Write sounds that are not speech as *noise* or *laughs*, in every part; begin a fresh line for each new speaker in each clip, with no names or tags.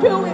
Do it.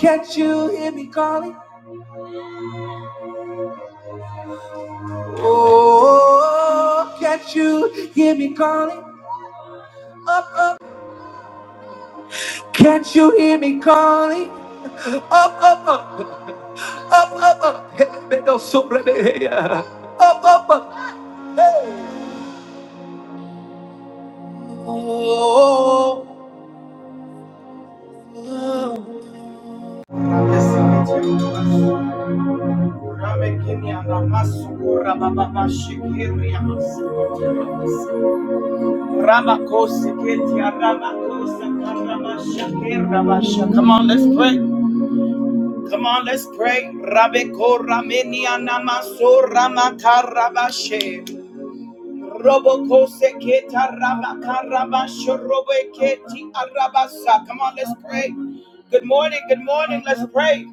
Can't you hear me calling? Oh, can't you hear me calling? Can't you hear me calling? Oh, oh, oh. Up, up, up. Rebedo sobre beia. Up, up, up. Oh, oh, oh. Come on, let's pray. Come on, let's pray. Rabeko ramenia namaso ramaka Robokose keta raba arabasa. Come on, let's pray. Good morning, good morning, let's pray.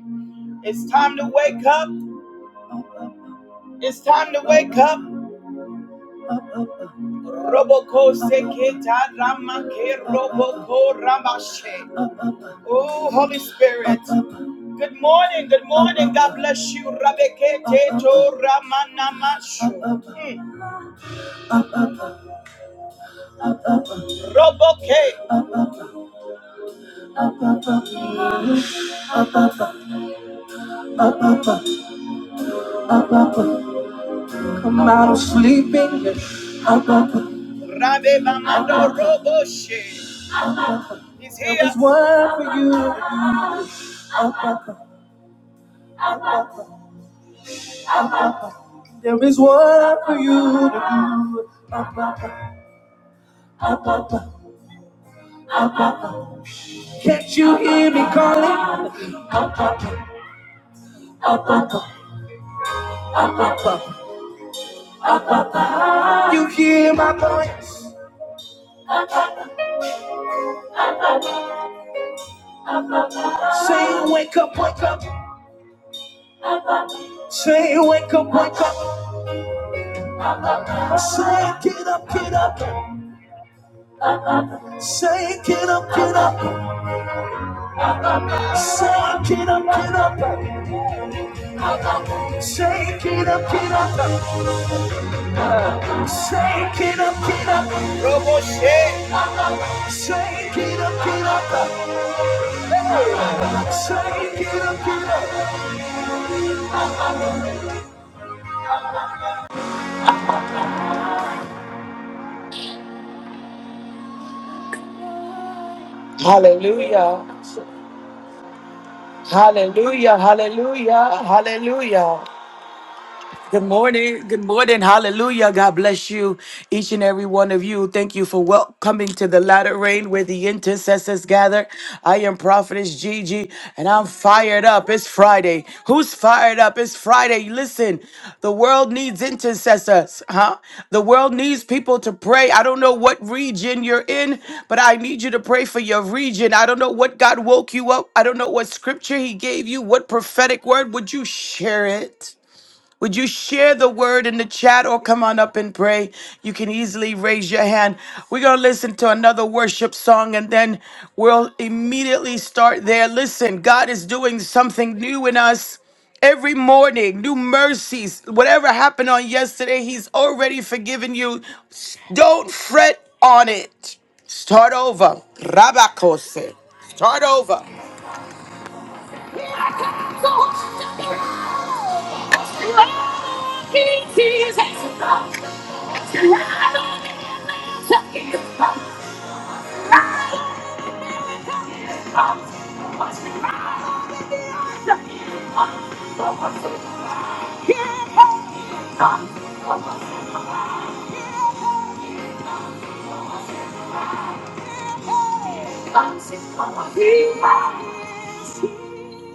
It's time to wake up. It's time to wake up. Robokose keta roboko rabashe. Oh, Holy Spirit. Good morning, good morning. God bless you. Rabeke teto ramanamashu. Mm. Roboke. Come out of sleeping. Rabe Bamando Roboshe. He's here. There is one for you. to do. There is one for you to do. Can't you hear me calling? You hear my voice? Say, wake up, wake up. Say, wake up, wake up. Say, get up, get up. Say, get up, get up. Say, get up, get up. Shake it up, get up, shake it up, get up. Robo shake. Shake it up, get up, shake it up, get up. Hallelujah, hallelujah, hallelujah, hallelujah. Good morning. Good morning. Hallelujah. God bless you, each and every one of you. Thank you for welcoming to the latter rain where the intercessors gather. I am Prophetess Gigi, and I'm fired up. It's Friday. Who's fired up? It's Friday. Listen, the world needs intercessors, huh? The world needs people to pray. I don't know what region you're in, but I need you to pray for your region. I don't know what God woke you up. I don't know what scripture He gave you. What prophetic word would you share it? Would you share the word in the chat or come on up and pray? You can easily raise your hand. We're going to listen to another worship song and then we'll immediately start there. Listen, God is doing something new in us every morning, new mercies. Whatever happened on yesterday, He's already forgiven you. Don't fret on it. Start over. Rabakose. Start over.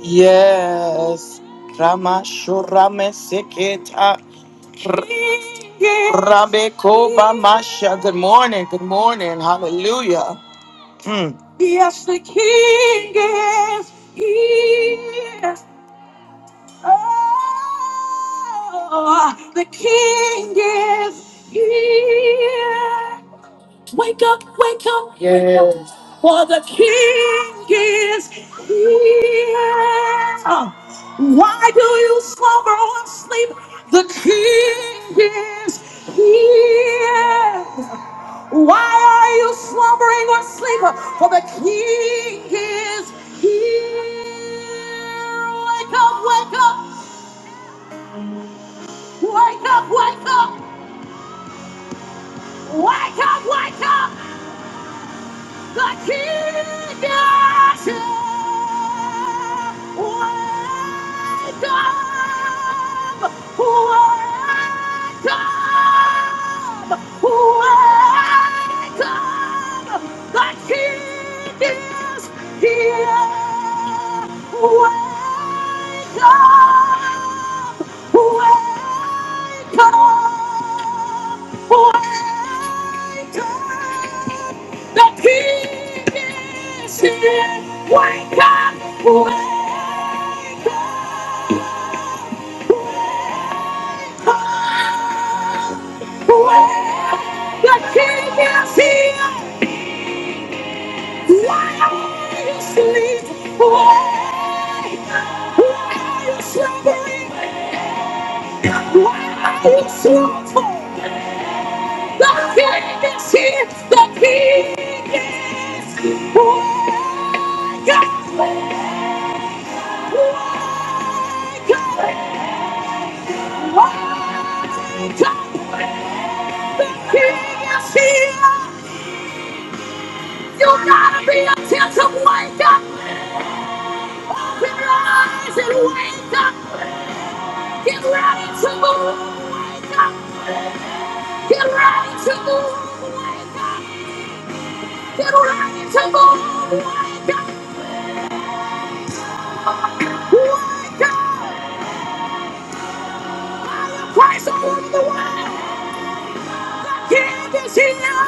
Yes. Rama Shurame Sikita. Rabbe Koba Masha. Good morning. Good morning. Hallelujah. Mm. Wake up, wake up. Yes. For the king is here. Why do you slumber or sleep? The king is here. Why are you slumbering or sleeping? For the king is here. Wake up, wake up, wake up, wake up, wake up, wake up. Wake up! Wake up! wake up. The king is here. Wake up. Wake up. Wake up. The king is here. Why are you asleep? Wake Why are you slumbering? Why are you slumbering? The king is here. The king is here. Wake up. Wake up. Wake up. Yes, he is. You gotta be attentive. Wake up. Open your eyes and wake up. Get ready to move. Wake up. Get ready to move. Wake up. Get ready to move. Wake up. Wake up. Christ over the world. King is here.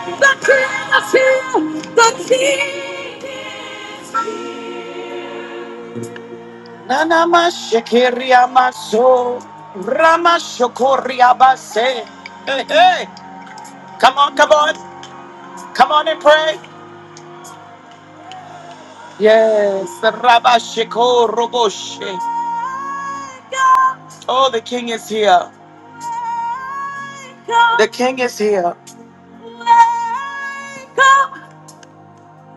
The King is here. The King is here. Nanama Shekiria Maso Rama Shokoria Base. Hey, hey, come on, come on, come on and pray. Yes, Rabba Sheko Roboshe. Oh, the king is here. The king is here.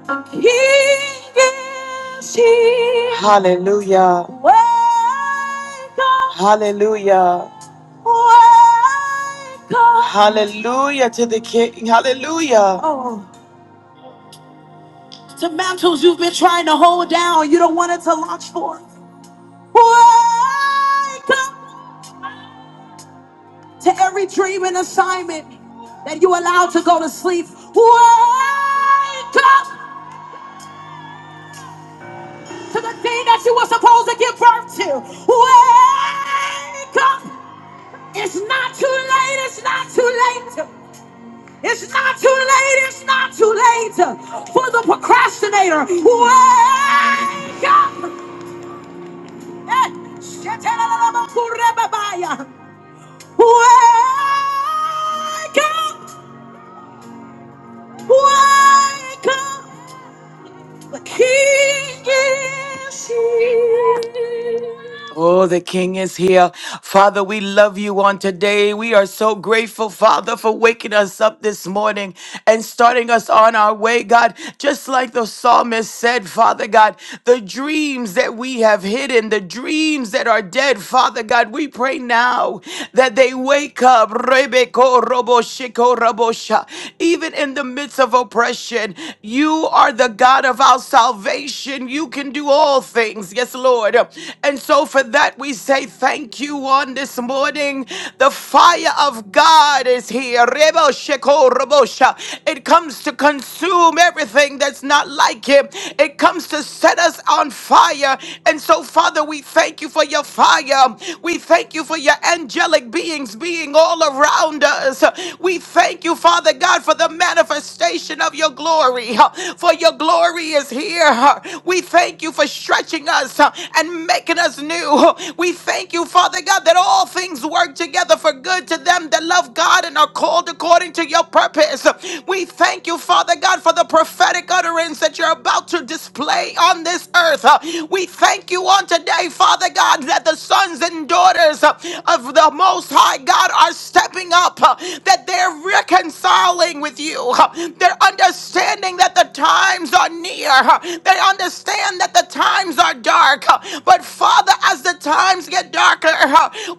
King is here. Hallelujah. Wake up. Hallelujah. Wake up. Hallelujah to the King. Hallelujah. Oh, to mantles you've been trying to hold down, you don't want it to launch forth. Wake up to every dream and assignment that you allowed to go to sleep. Wake up. to the thing that you were supposed to give birth to. Wake up! It's not too late. It's not too late. It's not too late. It's not too late for the procrastinator. Wake up! Eh, shetelelelebokurebabaya. Wake up! Wake up! The king is here. Oh, the King is here. Father, we love you on today. We are so grateful, Father, for waking us up this morning and starting us on our way, God. Just like the psalmist said, Father God, the dreams that we have hidden, the dreams that are dead, Father God, we pray now that they wake up. Rebeko robo shiko robo sha. Even in the midst of oppression, you are the God of our salvation action. You can do all things. Yes, Lord. And so for that, we say thank you on this morning. The fire of God is here. Rebo sheko robosha. It comes to consume everything that's not like Him, it comes to set us on fire. And so, Father, we thank you for your fire. We thank you for your angelic beings being all around us. We thank you, Father God, for the manifestation of your glory glory is here. We thank you for stretching us uh, and making us new. We thank you, Father God, that all things work together for good to them that love God and are called according to your purpose. We thank you, Father God, for the prophetic utterance. Sons and daughters uh, of the Most High God are stepping up. uh, that they're reconciling with you. They're understanding that the times are near. They understand that the times are dark. But Father, as the times get darker,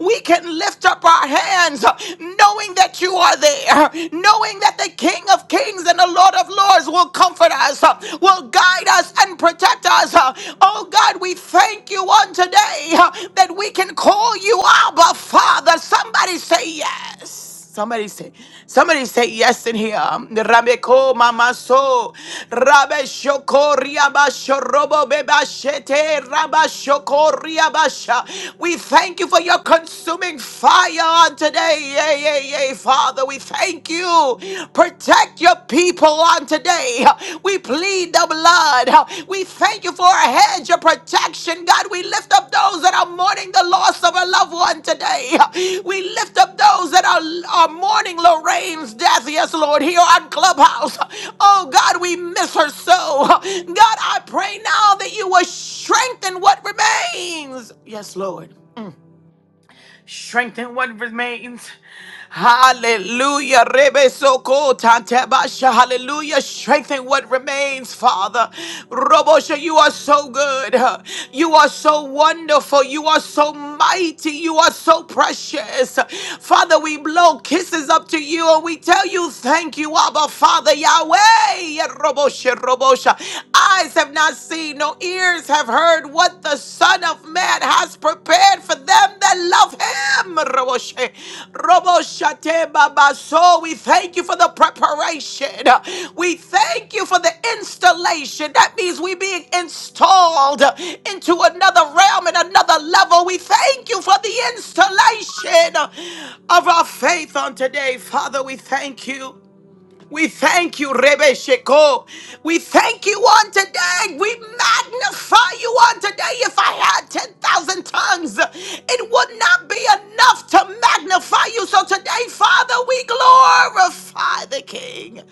we can lift up our hands knowing that you are there, knowing that the King of Kings and the Lord of Lords will comfort us, will guide us and protect us. Oh God, we thank you on today that we can call you Abba Father. Somebody say yes. Somebody say, somebody say yes in here. Rabeko mama so, rabe shoko riaba shorobo beba shete raba shoko riaba sha. We thank you for your consuming fire on today. Yay, yay, yay, Father. We thank you. Protect your people on today. We plead the blood. We thank you for a hedge of protection, God. We lift up those that are so good. You are so wonderful. You are so mighty. You are so precious. Father, we blow kisses up to you and we tell you thank you, Abba Father Yahweh. Yerobosha, robosha. Eyes have not seen, no ears have heard what the Son of Man has prepared for them that love Roboshe. Roboshate Babaso. We thank you for the preparation. We thank you for the installation. That means we being installed into another realm and another level. We thank you for the installation of our faith on today. Father, we thank you. We thank you, Rebe Sheko. We thank you on today. We magnify you on today. If I had 10,000 tongues, it would not be enough to magnify you. So today, Father, we glorify the King.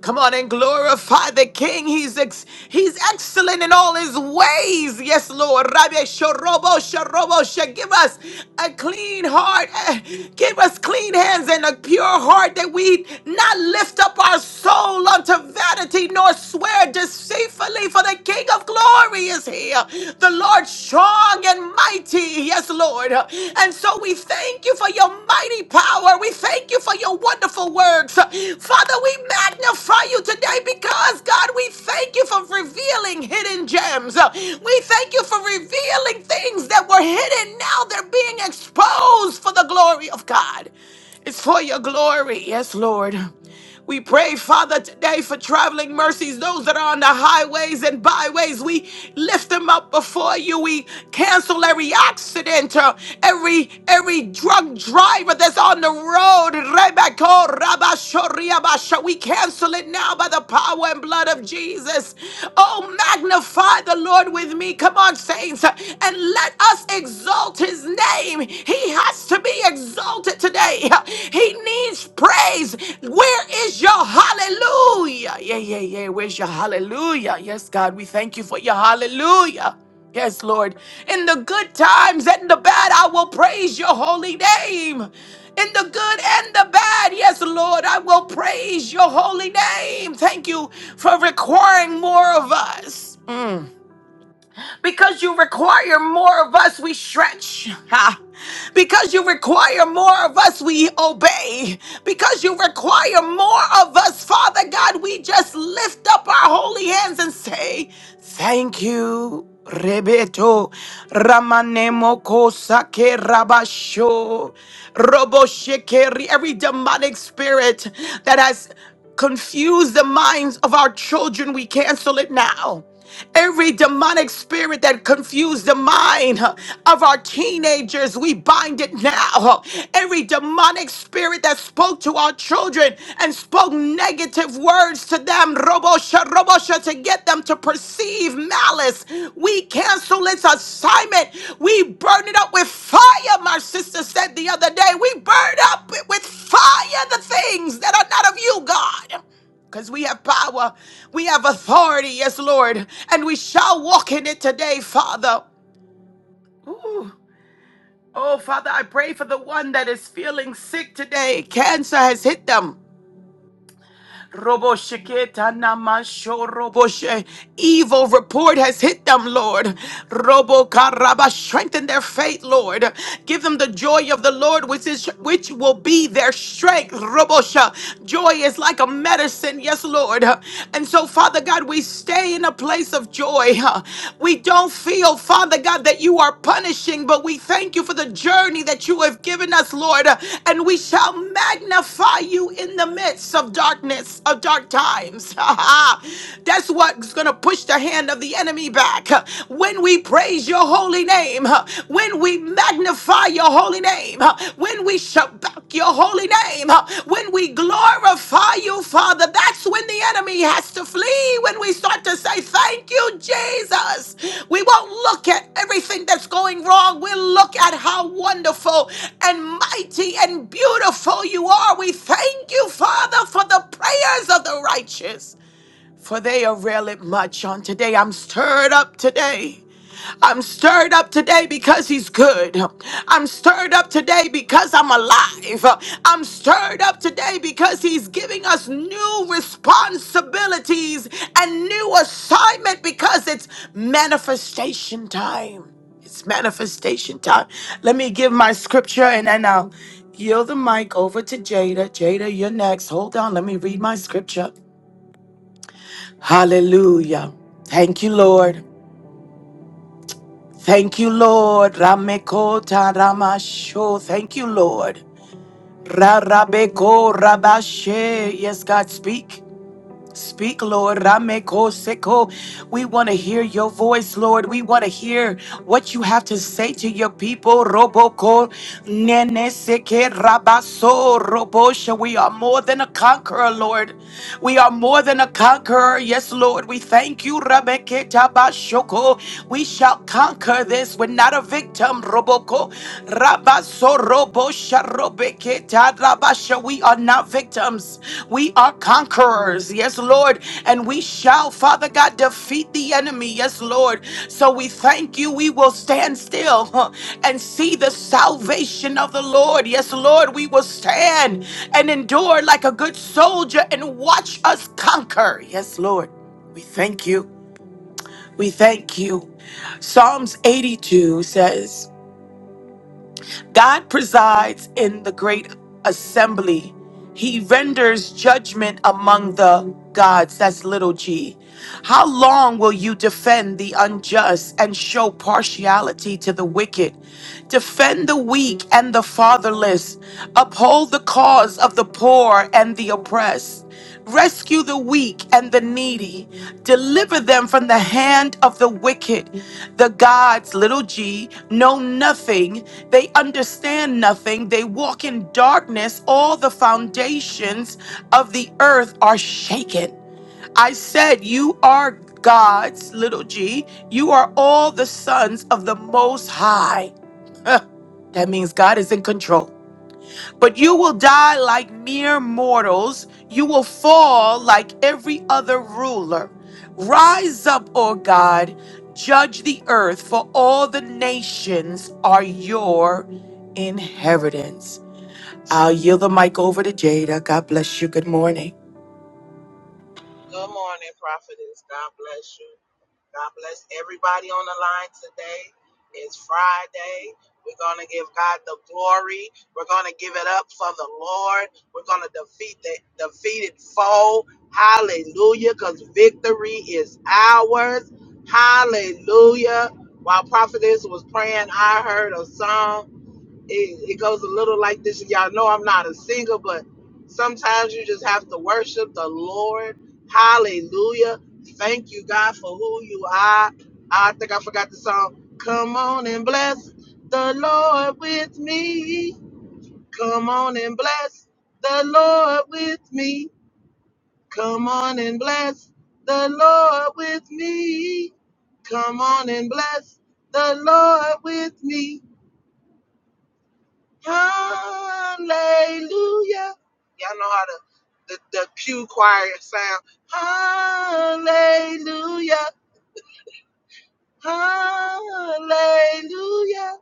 Come on and glorify the King. He's ex- He's excellent in all His ways. Yes, Lord. Rabbi Shorobo Shorobo She- give us a clean heart. eh, Give us clean hands and a pure heart that we not lift up our soul unto vanity nor swear deceitfully. For the King of glory is here. The Lord strong and mighty. Yes, Lord. And so we thank you for your mighty power. We thank you for your wonderful works. Father, We magnify you today because God, we thank you for revealing hymns, uh, we thank things that were there be for today for traveling mercies, Those. every every drunk driver that's on the road. Rebecca, Rabashoria, Basha, We cancel it now by the power and blood of Jesus. Oh, magnify the Lord with me. Come on, saints, and let us exalt his name. He has to be exalted today. He needs praise. Where is your hallelujah? Yeah, yeah, yeah. Where's your hallelujah? Yes, God, we thank you for your hallelujah. Yes, Lord. In the good times times and the bad, I will praise your holy name. In the good and the bad, yes, Lord, I will praise your holy name. Thank you for requiring more of us. Because, require more of us, Father God. We just lift up our holy hands and say, Thank you. Rebeto Ramanemo Kosake Rabasho Robo Shekeri, every demonic spirit that has confused the minds of our children, we cancel it now. Every demonic spirit that confused the mind huh, of our teenagers, we bind it now. huh. Every demonic spirit that spoke to our children and spoke negative words has hit them. Robo-shiketa-namasho-robo-she. Evil report has hit them, Lord. Robo Karaba, strengthen their faith, Lord. Give them the joy of the Lord, which is which will be their strength. Robosha. Joy is like a medicine, yes, Lord. And so, Father God, we stay in a place of joy. We don't feel, Father God, that you are punishing, but we thank you for the journey that you have given and we shall magnify you in the midst of darkness, of dark times. *laughs* but it's going to put the enemy back. When we praise your holy name, when we magnify your holy name, when we shout back your holy name, when we glorify you, Father, that's when the enemy has to flee. When we start to say, Thank you, Jesus. We won't look at everything wrong, we look at how wonderful and mighty and beautiful you are. We thank you, Father, for the prayers of the righteous, for they avail it much on today. I'm stirred up today. I'm stirred up today because he's good. I'm stirred up today because I'm alive. I'm stirred up today because he's giving us new responsibilities and new assignment because it's manifestation time. It's manifestation time. Let me give my scripture and then I'll yield the mic over to Jada. Jada, you're next. Hold on. Let me read my scripture. Hallelujah. Thank you, Lord. Thank you, Lord. Ramekota Ramasho. Thank you, Lord. Rarabeko Rabashe. Yes, God, speak. Speak, Lord. Rameko seko. We want to hear your voice, Lord. We want to hear what you have to say to your people. Roboko nene seke rabaso robosha. We are more than a conqueror, Lord. We are more than a conqueror. Yes, Lord. We thank you. Rameke tabashoko. We shall conquer this. We're not a victim. Roboko. Rabasoroboshorobeketadabasha. We are not victims. We are conquerors. Yes, Lord. And we shall, Father God, defeat the enemy. Yes, Lord. So we thank you. We will stand still huh, and see the salvation of the Lord. Yes, Lord. We will stand and endure like a good soldier and watch us conquer. Yes, Lord. We thank you. We thank you. Psalms 82 says, God presides in the great assembly. He renders judgment among the gods. That's little g. How long will you defend the unjust and show partiality to the wicked? Defend the weak and the fatherless. Uphold the cause of the poor and the oppressed. Rescue the weak and the needy. Deliver them from the hand of the wicked. The gods, little g, know nothing they understand nothing. They walk in darkness. All the foundations of the earth are shaken. I said, You are God's little g. You are all the sons of the Most High. *laughs* That means God is in control. But you will die like mere mortals. You will fall like every other ruler. Rise up, O God, judge the earth, for all the nations are your inheritance. I'll yield the mic over to Jada. God bless you. Good morning.
Good morning, prophetess. God bless you. God bless everybody on the line today. It's Friday. We're going to give God the glory. We're going to give it up for the Lord. We're going to defeat the defeated foe. Hallelujah. Because victory is ours. Hallelujah. While prophetess was praying, I heard a song it, it goes a little like this. and Y'all know I'm not a singer, but sometimes you just have to worship the Lord. Hallelujah. Thank you, God, for who you are. I think I forgot the song. Come on and bless the Lord with me. Come on and bless the Lord with me. Come on and bless the Lord with me. Come on and bless the Lord with me. Hallelujah. Y'all know how to, the, the pew choir sound. Hallelujah. Hallelujah.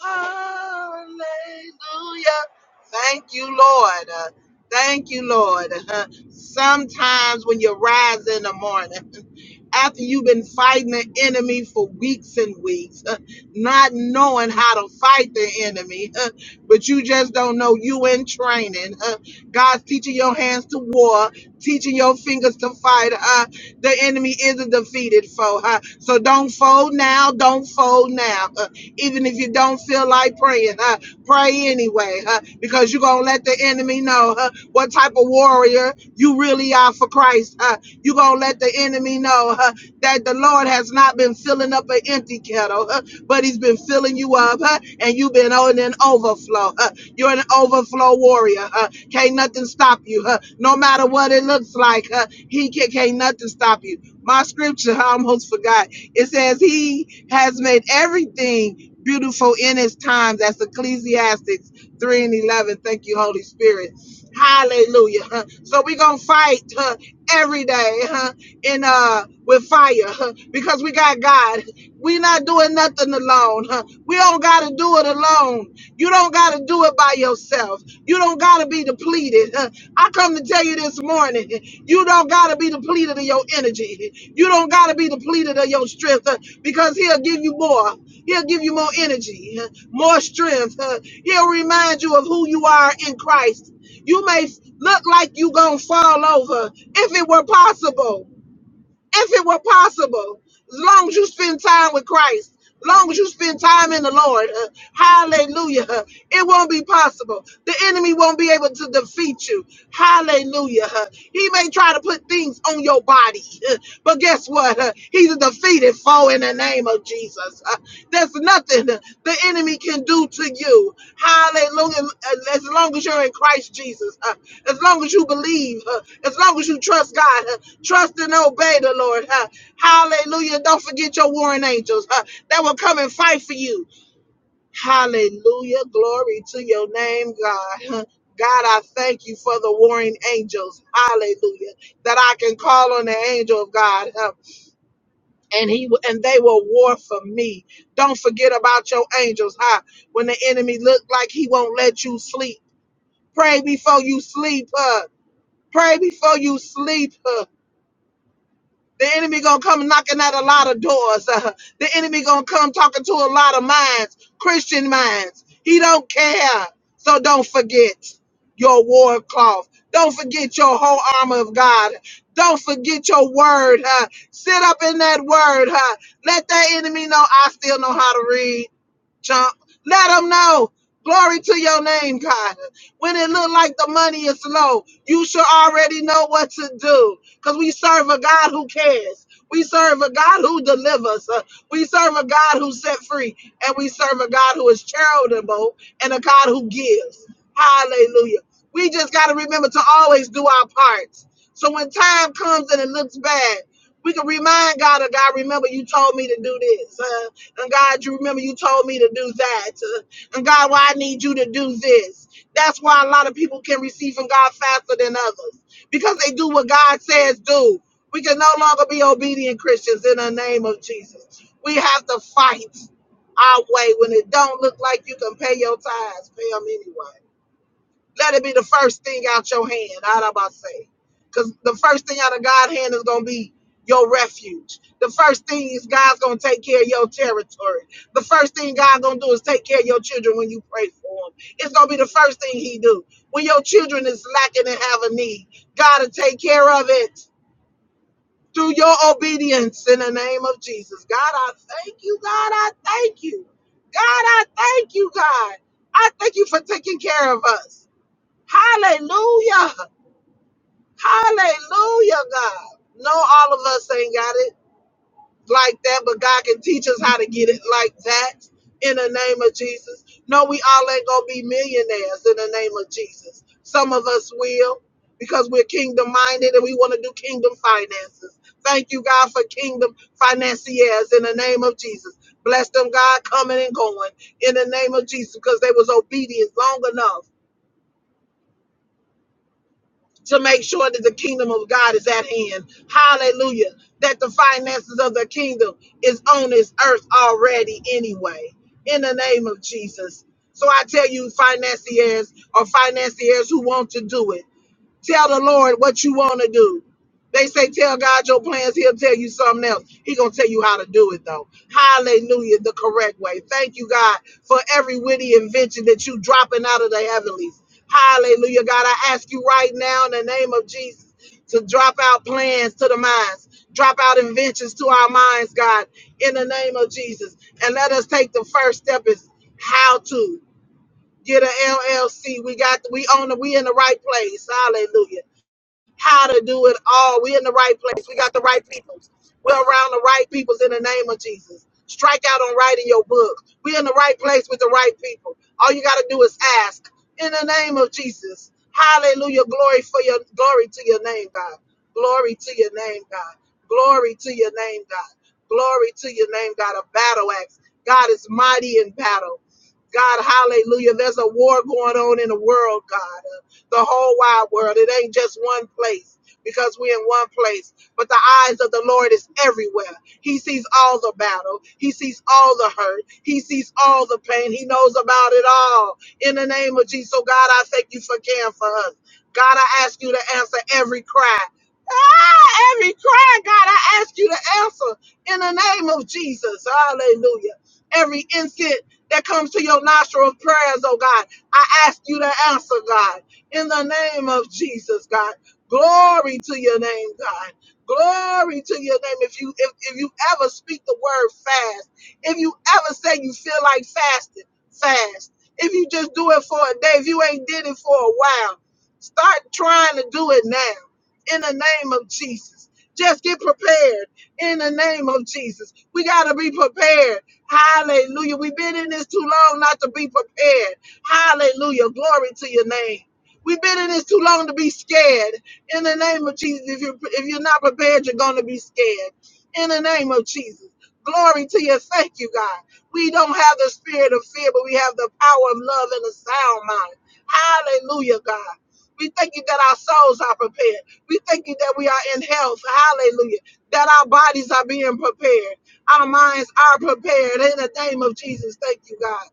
Hallelujah. Thank you, Lord. Uh, Thank you, Lord. Uh, Sometimes when you rise in the morning, *laughs* after you've been fighting the enemy for weeks and weeks, uh, not knowing how to fight the enemy, *laughs* uh, but you just don't know you in training. uh, God's teaching your hands to war, teaching your fingers to fight. uh, the enemy isn't defeated, foe. uh, so don't fold now. Don't fold now. uh, even if you don't feel like praying, huh? pray anyway, huh? because you're going to let the enemy know huh? what type of warrior you really are for Christ. Huh? You're going to let the enemy know huh? that the Lord has not been filling up an empty kettle, huh? but he's been filling you up huh? and you've been on an overflow. Huh? You're an overflow warrior. Huh? Can't nothing stop you. Huh? No matter what it looks like, huh? he can, can't nothing stop you. My scripture, I almost forgot. It says he has made everything beautiful in his time. That's Ecclesiastics 3 and 11. Thank you, Holy Spirit. Hallelujah. huh? So we're going to fight huh, every day huh, in, uh, with fire huh, because we got God. we not doing nothing alone. huh? We don't got to do it alone. You don't got to do it by yourself. You don't got to be depleted. *laughs* Uh, I come to tell you this morning, *laughs* you don't got to be depleted of your energy. *laughs* You don't got to be depleted of your strength uh, because he'll give you more. He'll give you more energy, uh, more strength. uh, He'll remind you of who you are in Christ. You may look like you going to fall over if it were possible if it were possible, as long as you spend time with Christ, as long as you spend time in the Lord, uh, hallelujah, uh, it won't be possible. The enemy won't be able to defeat you, hallelujah. uh, he may try to put things on your body, *laughs* uh, but guess what? uh, he's a defeated foe and the name of Jesus. Uh, There's nothing the enemy can do to you. Hallelujah. Uh, As long as you're in Christ Jesus, uh, as long as you believe, uh, as long as you trust God, uh, trust and obey the Lord. uh, Hallelujah. Don't forget your warring angels uh, that will come and fight for you. Hallelujah. Glory to your name, God. *laughs* God, I thank you for the warring angels. Hallelujah. That I can call on the angel of God. huh, and he and they will war for me. Don't forget about your angels, huh? When the enemy look like he won't let you sleep, pray before you sleep, huh? Pray before you sleep, huh? The enemy gonna come knocking at a lot of doors. Uh, the enemy gonna come talking to a lot of minds, Christian minds. He don't care. So don't forget your war cloth. Don't forget your whole armor of God. Don't forget your word. huh? Sit up in that word. huh? Let that enemy know I still know how to read. Jump. Let them know. Glory to your name, God. When it look like the money is low, you should already know what to do. Because we serve a God who cares. We serve a God who delivers. Uh, We serve a God who set free. And we serve a God who is charitable and a God who gives. Hallelujah. We just got to remember to always do our parts. So when time comes and it looks bad, we can remind God of God, remember you told me to do this. Uh, and God, you remember you told me to do that. Uh, And God, why I need you to do this. That's why a lot of people can receive from God faster than others because they do what God says do. We can no longer be obedient Christians in the name of Jesus. We have to fight our way when it don't look like you can pay your tithes. Pay them anyway. Let it be the first thing out your hand. i of about say. Because the first thing out of God's hand is gonna be your refuge. The first thing is God's gonna take care of your territory. The first thing God's gonna do is take care of your children when you pray for them. It's gonna be the first thing He do. When your children is lacking and have a need, God will take care of it through your obedience in the name of Jesus. God, I thank you. God, I thank you. God, I thank you, God. I thank you for taking care of us. Hallelujah. Hallelujah, God. No, all of us ain't got it like that, but God can teach us how to get it like that in the name of Jesus. No, we all ain't going to be millionaires in the name of Jesus. Some of us will because we're kingdom minded and we want to do kingdom finances. Thank you, God, for kingdom financiers in the name of Jesus. Bless them, God, coming and going in the name of Jesus because they was obedient long enough to make sure that the kingdom of God is at hand. Hallelujah. That the finances of the kingdom is on this earth already anyway. In the name of Jesus. So I tell you, financiers or financiers who want to do it. Tell the Lord what you want to do. They say, tell God your plans. He'll tell you something else. He going to tell you how to do it, though. Hallelujah, the correct way. Thank you, God, for every witty invention that you dropping out of the heavenlies. Hallelujah, God. I ask you right now in the name of Jesus to drop out plans to the minds, drop out inventions to our minds, God, in the name of Jesus. And let us take the first step is how to get an LLC. We got, we own, it. we in the right place. Hallelujah how to do it all. We're in the right place. We got the right people. We're around the right peoples in the name of Jesus. Strike out on writing your book. We're in the right place with the right people. All you got to do is ask in the name of Jesus. Hallelujah. Glory for your glory to your name, God. Glory to your name, God. Glory to your name, God. Glory to your name, God. A battle axe. God is mighty in battle. God, hallelujah. There's a war going on in the world, God the whole wide world. It ain't just one place because we're in one place. But the eyes of the Lord is everywhere. He sees all the battle. He sees all the hurt. He sees all the pain. He knows about it all. In the name of Jesus. So God, I thank you for caring for us. God, I ask you to answer every cry. Ah, every cry, God, I ask you to answer in the name of Jesus. Hallelujah. Every instant that comes to your nostril of prayers, oh God, I ask you to answer, God in the name of Jesus, God. Glory to your name, God. Glory to your name. If you if, if you ever speak the word fast, if you ever say you feel like fasting, fast. If you just do it for a day, if you ain't did it for a while, start trying to do it now in the name of Jesus. Just get prepared in the name of Jesus. We got to be prepared. Hallelujah. We've been in this too long not to be prepared. Hallelujah. Glory to your name. We've been in this too long to be scared. In the name of Jesus, if you're if you're not prepared, you're gonna be scared. In the name of Jesus, glory to you. Thank you, God. We don't have the spirit of fear, but we have the power of love and a sound mind. Hallelujah, God. We thank you that our souls are prepared. We thank you that we are in health. Hallelujah. That our bodies are being prepared. Our minds are prepared. In the name of Jesus, thank you, God.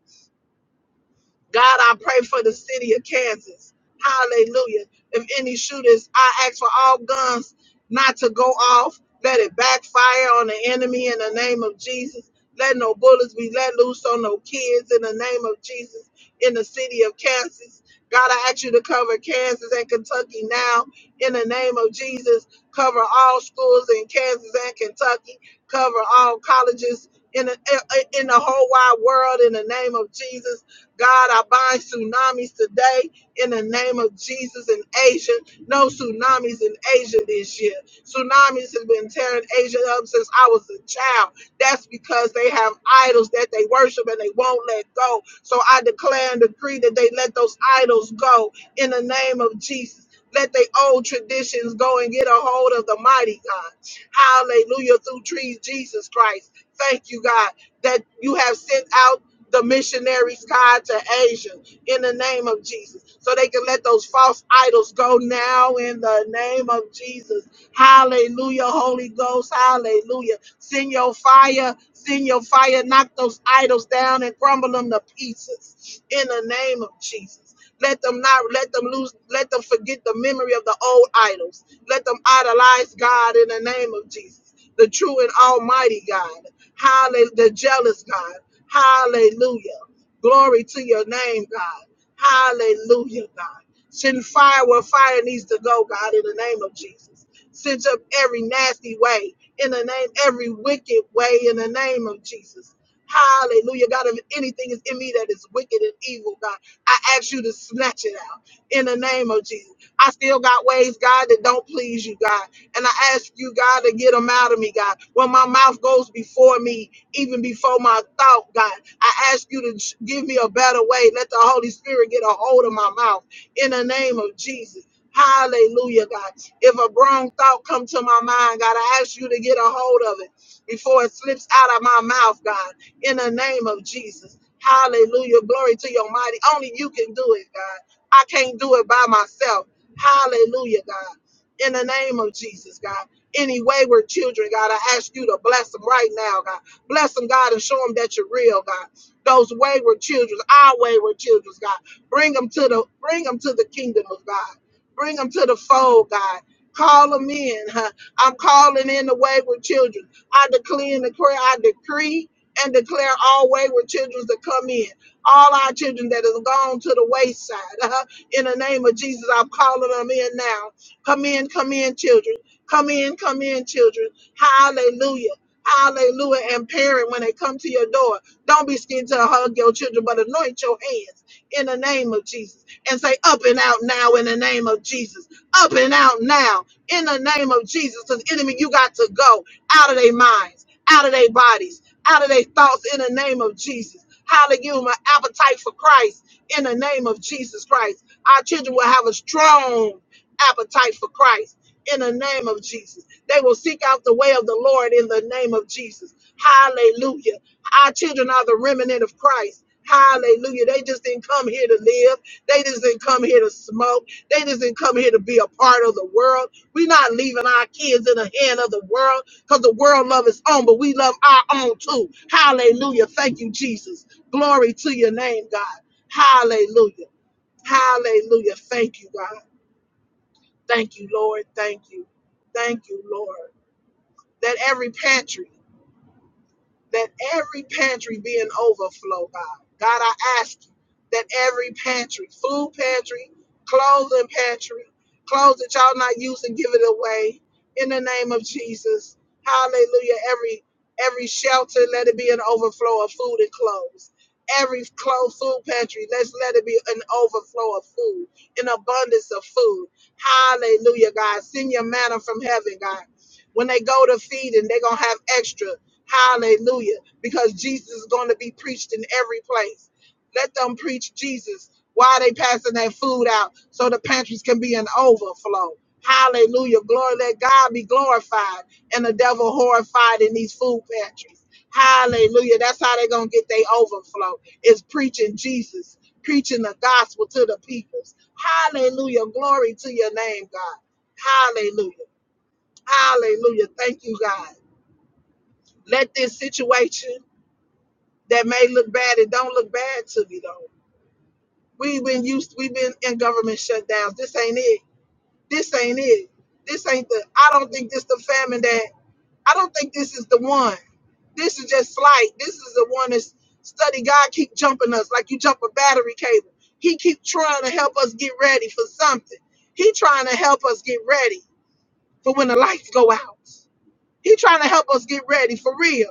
God, I pray for the city of Kansas. Hallelujah. If any shooters, I ask for all guns not to go off. Let it backfire on the enemy in the name of Jesus. Let no bullets be let loose on no kids in the name of Jesus in the city of Kansas. God, I ask you to cover Kansas and Kentucky now in the name of Jesus. Cover all schools in Kansas and Kentucky. Cover all colleges in the, in the whole wide world in the name of Jesus God, I bind tsunamis today in the name of Jesus in Asia. No tsunamis in Asia this year. Tsunamis have been tearing Asia up since I was a child. That's because they have idols that they worship and they won't let go. So I declare and decree that they let those idols go in the name of Jesus. Let the old traditions go and get a hold of the mighty God. Hallelujah. Through trees, Jesus Christ. Thank you, God, that you have sent out the missionaries tied to Asia in the name of Jesus. So they can let those false idols go now in the name of Jesus. Hallelujah, Holy Ghost. Hallelujah. Send your fire. Send your fire. Knock those idols down and crumble them to pieces. In the name of Jesus. Let them not let them lose, let them forget the memory of the old idols. Let them idolize God in the name of Jesus, the true and almighty God. Hallelujah, the jealous God. Hallelujah. Glory to your name, God. Hallelujah, God. Send fire where fire needs to go, God, in the name of Jesus. Cinch up every nasty way in the name, every wicked way in the name of Jesus. Hallelujah. God, if anything is in me that is wicked and evil, God, I ask you to snatch it out in the name of Jesus. I still got ways, God, that don't please you, God. And I ask you, God, to get them out of me, God. When my mouth goes before me, even before my thought, God, I ask you to ch- give me a better way. Let the Holy Spirit get a hold of my mouth in the name of Jesus. Hallelujah, God. If a wrong thought come to my mind, God, I ask you to get a hold of it before it slips out of my mouth, God, in the name of Jesus. Hallelujah. Glory to your mighty. Only you can do it, God. I can't do it by myself. Hallelujah, God. In the name of Jesus, God. Any wayward children, God, I ask you to bless them right now, God. Bless them, God, and show them that you're real, God. Those wayward children, our wayward children, God. Bring them to the bring them to the kingdom of God. Bring them to the fold, God. Call them in. huh? I'm calling in the wayward children. I declare and declare, I decree and declare all wayward children to come in. All our children that has gone to the wayside. huh? In the name of Jesus, I'm calling them in now. Come in, come in, children. Come in, come in, children. Hallelujah. Hallelujah. And parent, when they come to your door, don't be scared to hug your children, but anoint your hands in the name of Jesus and say, Up and out now in the name of Jesus up and out now in the name of Jesus. Because enemy, you got to go out of their minds, out of their bodies, out of their thoughts in the name of Jesus. Hallelujah. My appetite for Christ in the name of Jesus Christ. Our children will have a strong appetite for Christ in the name of Jesus. They will seek out the way of the Lord in the name of Jesus. Hallelujah. Our children are the remnant of Christ. Hallelujah. They just didn't come here to live. They just didn't come here to smoke. They just didn't come here to be a part of the world. We're not leaving our kids in the hand of the world because the world love its own, but we love our own too. Hallelujah. Thank you, Jesus. Glory to your name, God. Hallelujah. Hallelujah. Thank you, God. Thank you, Lord. Thank you. Thank you, Lord. That every pantry that every pantry be an overflow, God. God, I ask you that every pantry, food pantry, clothing pantry, clothes that y'all not using, give it away in the name of Jesus. Hallelujah. Every every shelter, let it be an overflow of food and clothes. Every closed food pantry, let's let it be an overflow of food, an abundance of food. Hallelujah, God. Send your manna from heaven, God. When they go to feeding, they're going to have extra. Hallelujah. Because Jesus is going to be preached in every place. Let them preach Jesus while they passing that food out so the pantries can be an overflow. Hallelujah. Glory. Let God be glorified and the devil horrified in these food pantries. Hallelujah. That's how they're going to get their overflow is preaching Jesus, preaching the gospel to the peoples. Hallelujah. Glory to your name, God. Hallelujah. Hallelujah. Thank you, God. Let this situation that may look bad. It don't look bad to me though. We've been used. We've been in government shutdowns. This ain't it. This ain't it. This ain't the. I don't think this the famine that. I don't think this is the one. This is just slight. This is the one that's study. God keep jumping us like you jump a battery cable. He keep trying to help us get ready for something. He trying to help us get ready for when the lights go out. He trying to help us get ready for real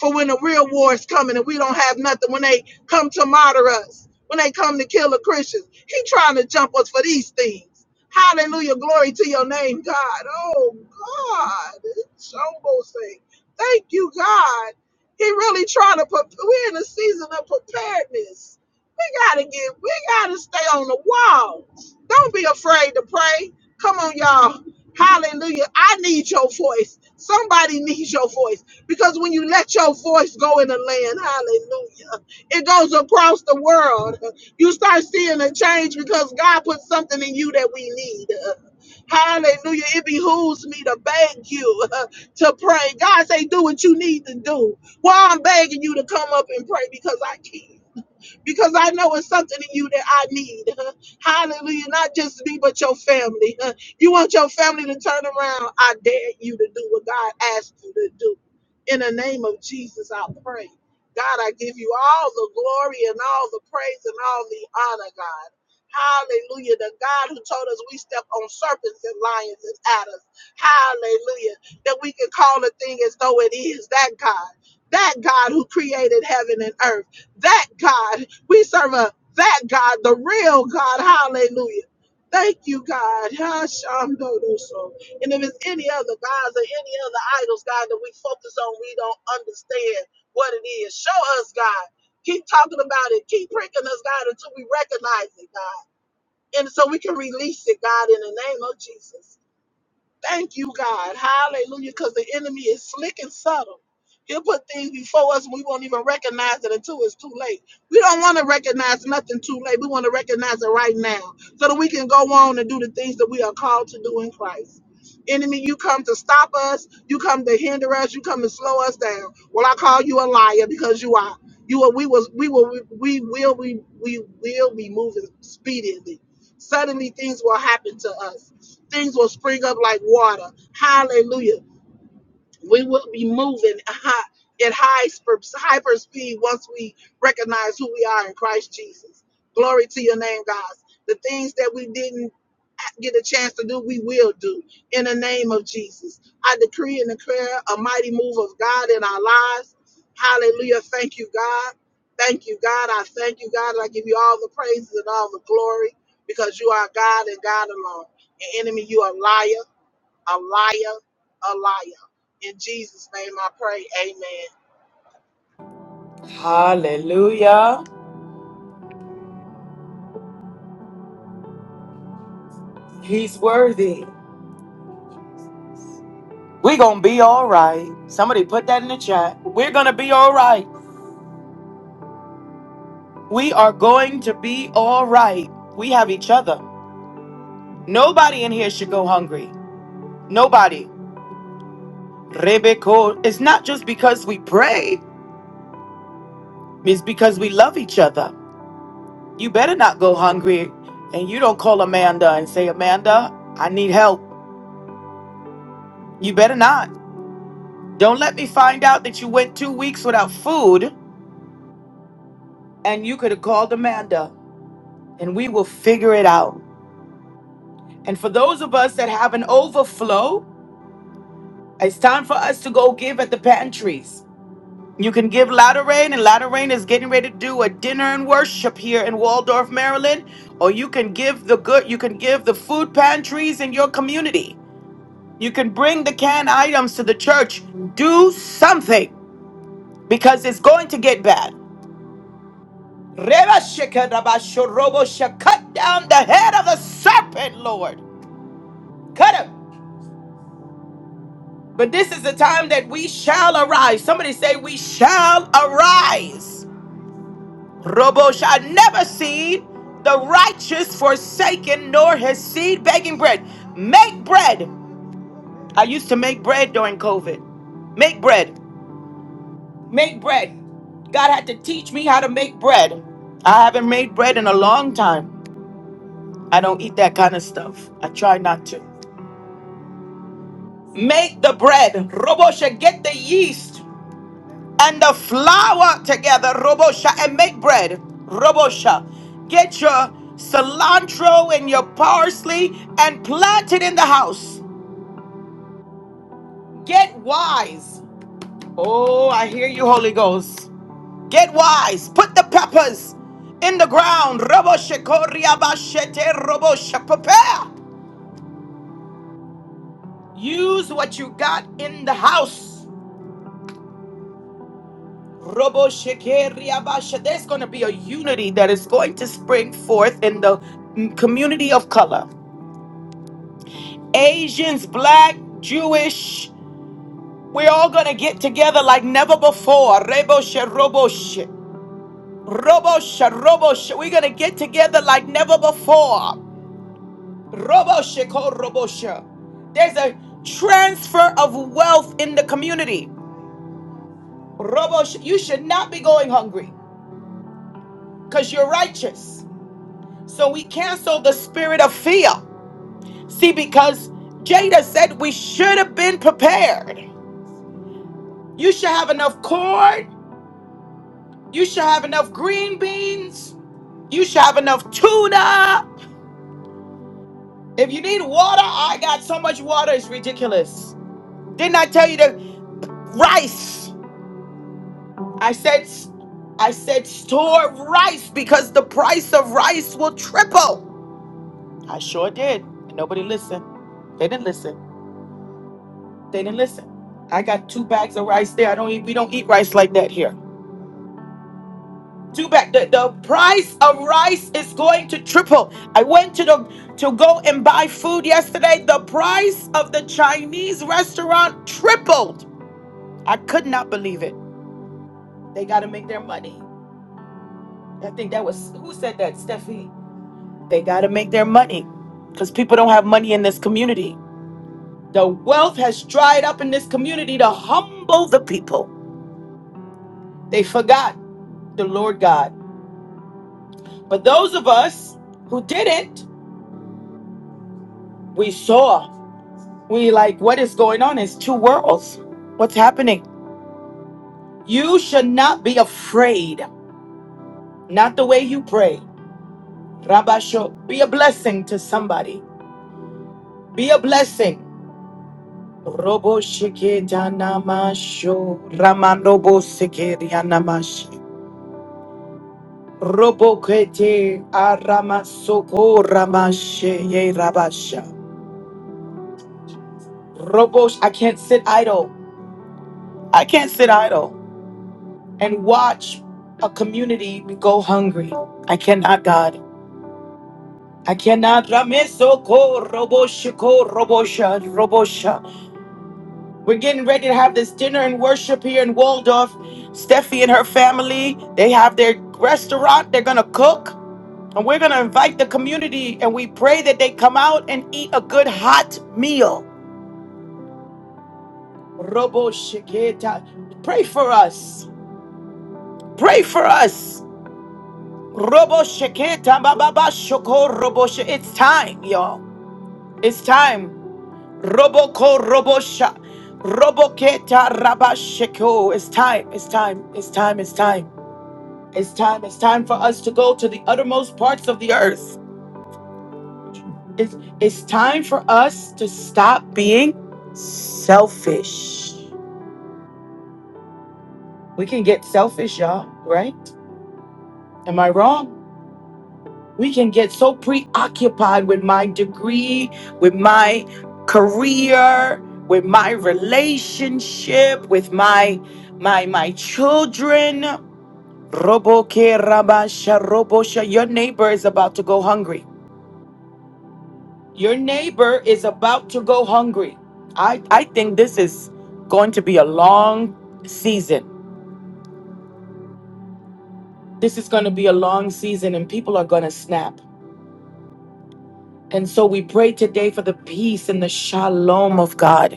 for when the real war is coming and we don't have nothing, when they come to martyr us, when they come to kill the Christians. He trying to jump us for these things. Hallelujah. Glory to your name, God. Oh, God. It's almost saying, thank you, God. He really trying to, prep- we're in a season of preparedness. We got to get, we got to stay on the wall. Don't be afraid to pray. Come on, y'all. Hallelujah. I need your voice. Somebody needs your voice. Because when you let your voice go in the land, hallelujah, it goes across the world. You start seeing a change because God put something in you that we need. Hallelujah. It behooves me to beg you *laughs* uh, to pray. God say, do what you need to do. Well, I'm begging you to come up and pray because I can because I know it's something in you that I need. *laughs* Hallelujah. Not just me, but your family. *laughs* You want your family to turn around. I dare you to do what God asked you to do. In the name of Jesus, I pray. God, I give you all the glory and all the praise and all the honor, God. Hallelujah. The God who told us we step on serpents and lions and adders. Hallelujah. That we can call a thing as though it is. That God. That God who created heaven and earth that God we serve a that God, the real God. Hallelujah. Thank you, God. Hashandoso. And if it's any other gods or any other idols, God, that we focus on, we don't understand what it is. Show us, God. Keep talking about it. Keep pricking us, God, until we recognize it, God. And so we can release it, God, in the name of Jesus. Thank you, God. Hallelujah. Because the enemy is slick and subtle. He'll put things before us and we won't even recognize it until it's too late. We don't want to recognize nothing too late. We want to recognize it right now so that we can go on and do the things that we are called to do in Christ. Enemy, you come to stop us. You come to hinder us. You come to slow us down. Well, I call you a liar because you are. You are, we was we will we will we, we will be moving speedily. Suddenly things will happen to us Things will spring up like water. Hallelujah we will be moving high, at high sp- hyper speed once we recognize who we are in Christ Jesus. Glory to your name, God. The things that we didn't get a chance to do, we will do in the name of Jesus. I decree and declare a mighty move of God in our lives. Hallelujah. Thank you, God. Thank you, God. I thank you, God. And I give you all the praises and all the glory because you are God and God alone. And enemy, you are a liar a liar, a liar. In Jesus' name I pray, amen.
Hallelujah. He's worthy. We're going to be all right. Somebody put that in the chat. We're going to be all right. We are going to be all right. We have each other. Nobody in here should go hungry. Nobody. Rebecca, it's not just because we pray, it's because we love each other. You better not go hungry and you don't call Amanda and say, Amanda, I need help. You better not. Don't let me find out that you went two weeks without food and you could have called Amanda and we will figure it out. And for those of us that have an overflow, it's time for us to go give at the pantries. You can give Latter Rain, and Latter Rain is getting ready to do a dinner and worship here in Waldorf, Maryland. Or you can give the good, you can give the food pantries in your community. You can bring the canned items to the church. Do something because it's going to get bad. Reba sheka raba shorobo sheka. Cut down the head of the serpent, Lord. Cut him. But this is the time that we shall arise. Somebody say, We shall arise. Robo shall never see the righteous forsaken, nor his seed begging bread. Make bread. I used to make bread during COVID. Make bread. Make bread. God had to teach me how to make bread. I haven't made bread in a long time. I don't eat that kind of stuff. I try not to. Make the bread. Robo shall get the yeast. and the flour together, Robosha, and make bread, Robosha. Get your cilantro and your parsley and plant it in the house. Get wise. Oh, I hear you, Holy Ghost. Get wise. Put the peppers in the ground. Robosha, Koryabashete, Robosha. Prepare. Use what you got in the house. Robo Shekeri Abasha. There's going to be a unity that is going to spring forth in the mm, community of color. Asians, black, Jewish, we're all going to get together like never before. Rebo She Robo She. Robo She Robo She. We're going to get together like never before. Robo She Ko Robo She. There's a transfer of wealth in the community. Robo, She- you should not be going hungry because you're righteous. So we cancel the spirit of fear. See, because Jada said we should have been prepared. You should have enough corn. You should have enough green beans. You should have enough tuna. If you need water, I got so much water. It's ridiculous. Didn't I tell you that rice? I said, I said store rice because the price of rice will triple. I sure did. And nobody listened. They didn't listen. They didn't listen. I got two bags of rice there. I don't eat. We don't eat rice like that here. Two back. The, the price of rice is going to triple. I went to the to go and buy food yesterday. The price of the Chinese restaurant tripled. I could not believe it. They gotta make their money. I think that was who said that, Steffi? They gotta make their money. Because people don't have money in this community. The wealth has dried up in this community to humble the people. They forgot the Lord God. But those of us who didn't, we saw. We like what is going on It's two worlds. What's happening? You should not be afraid. Not the way you pray. Rabasho, be a blessing to somebody. Be a blessing. Robo shike danamasho. Ramanobo sike rianamashi. Robo kete aramasoko ramashe ye rabasha. Robo, I can't sit idle. I can't sit idle and watch a community go hungry. I cannot, God. I cannot rameso ko robosha ko robosha robosha. We're getting ready to have this dinner and worship here in Waldorf. Steffi and her family, they have their restaurant. They're gonna cook. And we're gonna invite the community and we pray that they come out and eat a good hot meal. Robo Sheketa. Pray for us. Pray for us. Robo Sheketa. ba, ba, ba, Shoko Robo She- It's time, y'all. Roboko Robosha. Roboketa Rabasheko. It's time, it's time, it's time, it's time. It's time, it's time for us to go to the uttermost parts of the earth. It's, it's time for us to stop being selfish. We can get selfish, y'all, right? Am I wrong? We can get so preoccupied with my degree, with my career, with my relationship, with my my my children. Robo ke rabasha robo sha. Your neighbor is about to go hungry. Your neighbor is about to go hungry. I, I think this is going to be a long season. This is going to be a long season, and people are going to snap. And so we pray today for the peace and the shalom of God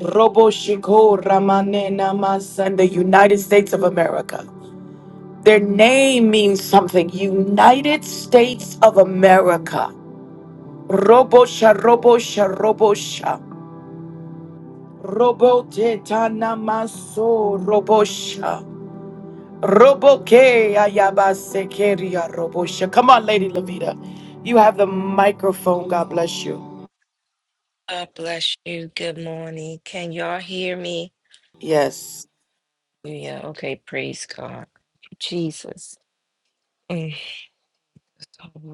Robo Shiko Ramanena Masa in the United States of America. Their name means something. United States of America. Robo Sha Robo Sha Robo Sha. Robo Tetana Maso Robo Sha. Robo Ke Ayabase Keria Robo Sha. Come on, Lady Levita. You have the microphone. God bless you.
God bless you. Good morning. Can y'all hear me?
Yes.
Yeah, okay. Praise God. Jesus. Mm. Ooh,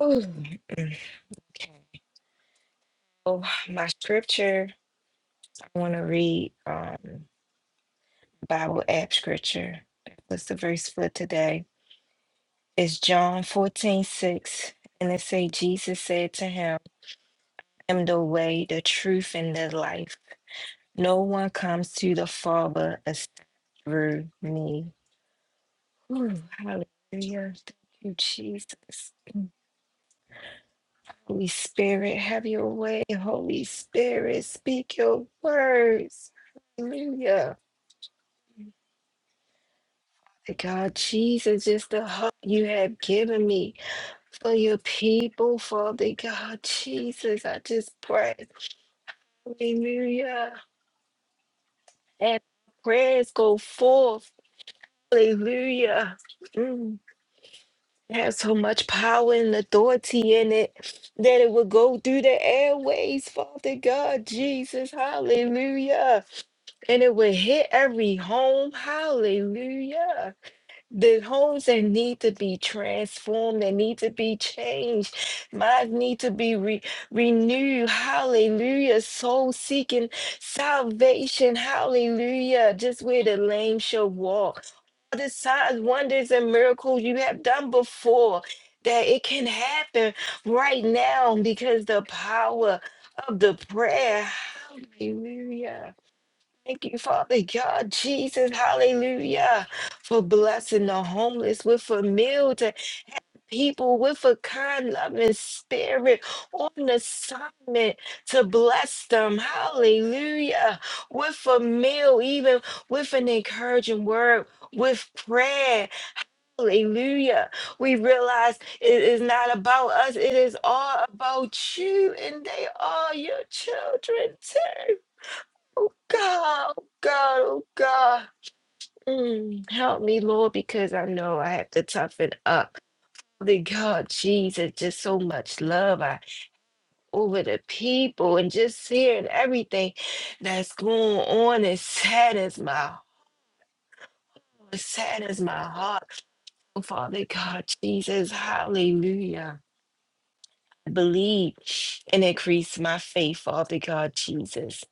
mm. Okay. Oh, my scripture, I want to read um, Bible app scripture. What's the verse for today? It's John 14 6. And it say, Jesus said to him, I am the way, the truth, and the life. No one comes to the Father except through me. Ooh, hallelujah. Thank you, Jesus. Holy Spirit, have your way. Holy Spirit, speak your words. Hallelujah. God, Jesus, just the hope you have given me for your people, Father God, Jesus, I just pray. Hallelujah. And prayers go forth. Hallelujah. Mm. had so much power and authority in it that it would go through the airways, Father God, Jesus, hallelujah. And it would hit every home, hallelujah. The homes that need to be transformed, that need to be changed, minds need to be re- renewed, hallelujah. Soul seeking salvation, hallelujah. Just where the lame shall walk the signs, wonders, and miracles you have done before, that it can happen right now because the power of the prayer. Hallelujah. Thank you, Father God, Jesus, hallelujah, for blessing the homeless with a meal to people with a kind, loving spirit on assignment to bless them, hallelujah, with a meal, even with an encouraging word, with prayer. Hallelujah. We realize it is not about us, it is all about you, and they are your children too. Oh God, oh God, oh God. Mm, help me, Lord, because I know I have to toughen up. The God, Jesus, just so much love I, over the people and just hearing everything that's going on. It saddens my, it saddens my heart. Oh, Father God, Jesus, hallelujah. believe and increase my faith, Father God Jesus,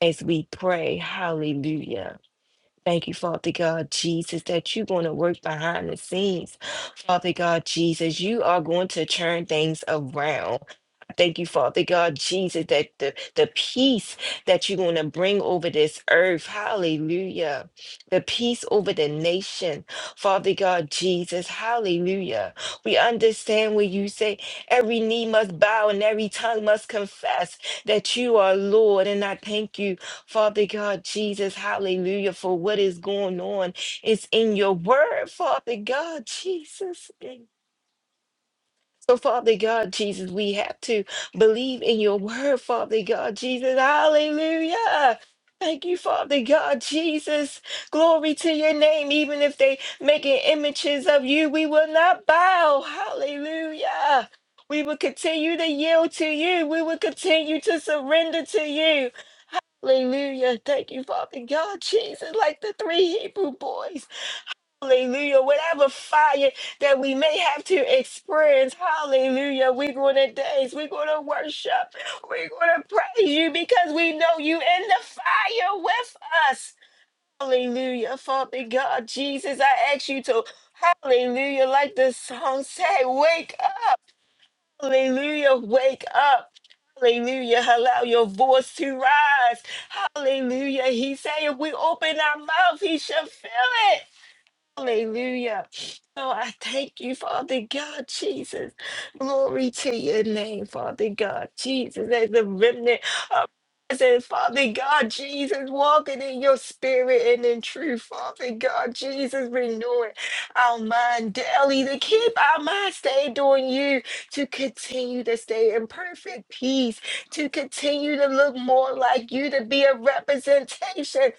as we pray. Hallelujah. Thank you, Father God Jesus, that you're going to work behind the scenes. Father God Jesus, you are going to turn things around. Thank you, Father God, Jesus, that the, the peace that you're going to bring over this earth. Hallelujah. The peace over the nation. Father God, Jesus. Hallelujah. We understand when you say every knee must bow and every tongue must confess that you are Lord. And I thank you, Father God, Jesus. Hallelujah, for what is going on. It's in your word, Father God, Jesus. So, Father God, Jesus, we have to believe in your word, Father God, Jesus. Hallelujah. Thank you, Father God, Jesus. Glory to your name. Even if they making images of you, we will not bow. Hallelujah. We will continue to yield to you. We will continue to surrender to you. Hallelujah. Thank you, Father God, Jesus, like the three Hebrew boys. Hallelujah. Whatever fire that we may have to experience, hallelujah. We're going to dance. We're going to worship. We're going to praise you because we know you in the fire with us. Hallelujah. Father God, Jesus, I ask you to, hallelujah, like the song said, wake up. Hallelujah. Wake up. Hallelujah. Allow your voice to rise. Hallelujah. He said, if we open our mouth, he shall fill it. Hallelujah. So I thank you, Father God, Jesus. Glory to your name, Father God, Jesus. As a remnant of presence, Father God, Jesus, walking in your spirit and in truth, Father God, Jesus, renewing our mind daily to keep our mind stayed on you, to continue to stay in perfect peace, to continue to look more like you, to be a representation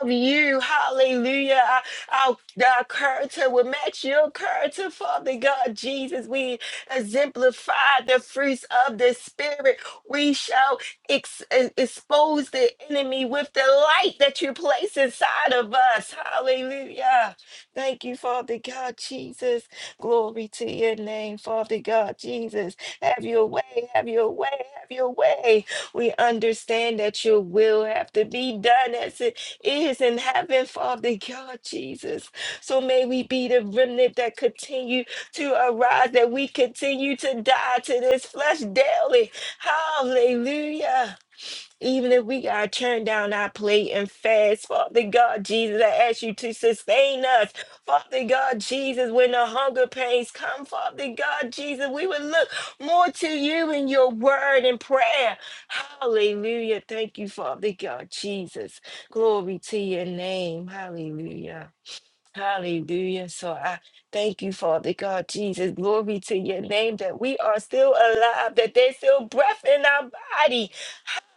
of you. Hallelujah. Our, our, our character will match your character, Father God Jesus. We exemplify the fruits of the Spirit. We shall ex- e- expose the enemy with the light that you place inside of us. Hallelujah. Thank you, Father God Jesus. Glory to your name, Father God Jesus. Have your way, have your way, have your way. We understand that your will have to be done as it is in heaven, Father God, Jesus. So may we be the remnant that continue to arise, that we continue to die to this flesh daily. Hallelujah. Even if we gotta turn down our plate and fast, Father God Jesus, I ask you to sustain us. Father God Jesus, when the hunger pains come, Father God Jesus, we will look more to you in your word and prayer. Hallelujah. Thank you, Father God Jesus. Glory to your name. Hallelujah. Hallelujah. So I thank you, Father God Jesus. Glory to your name that we are still alive, that there's still breath in our body.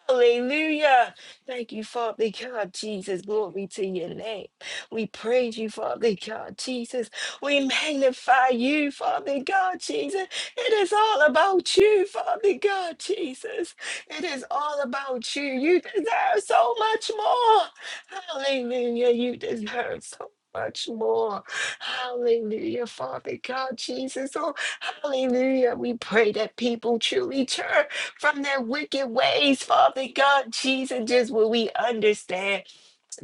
Hallelujah. Thank you, Father God, Jesus. Glory to your name. We praise you, Father God, Jesus. We magnify you, Father God, Jesus. It is all about you, Father God, Jesus. It is all about you. You deserve so much more. Hallelujah. You deserve so much more. Hallelujah, Father God, Jesus. Oh, hallelujah. We pray that people truly turn from their wicked ways, Father God, Jesus. Just will we understand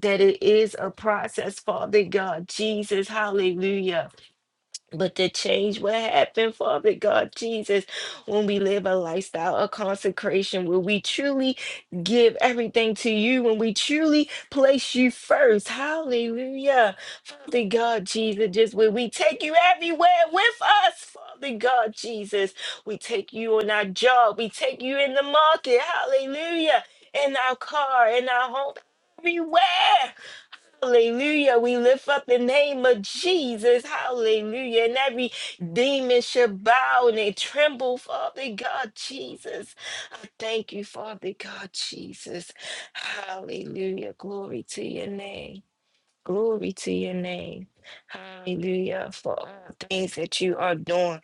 that it is a process, Father God, Jesus, hallelujah. But the change will happen, Father God, Jesus, when we live a lifestyle of consecration, where we truly give everything to you, when we truly place you first, hallelujah. Father God, Jesus, just when we take you everywhere with us, Father God, Jesus, we take you on our job, we take you in the market, hallelujah, in our car, in our home, everywhere, hallelujah. We lift up the name of Jesus, hallelujah, and every demon shall bow and they tremble, Father God, Jesus. I thank you, Father God, Jesus, hallelujah, glory to your name. Glory to your name. Hallelujah. For all things that you are doing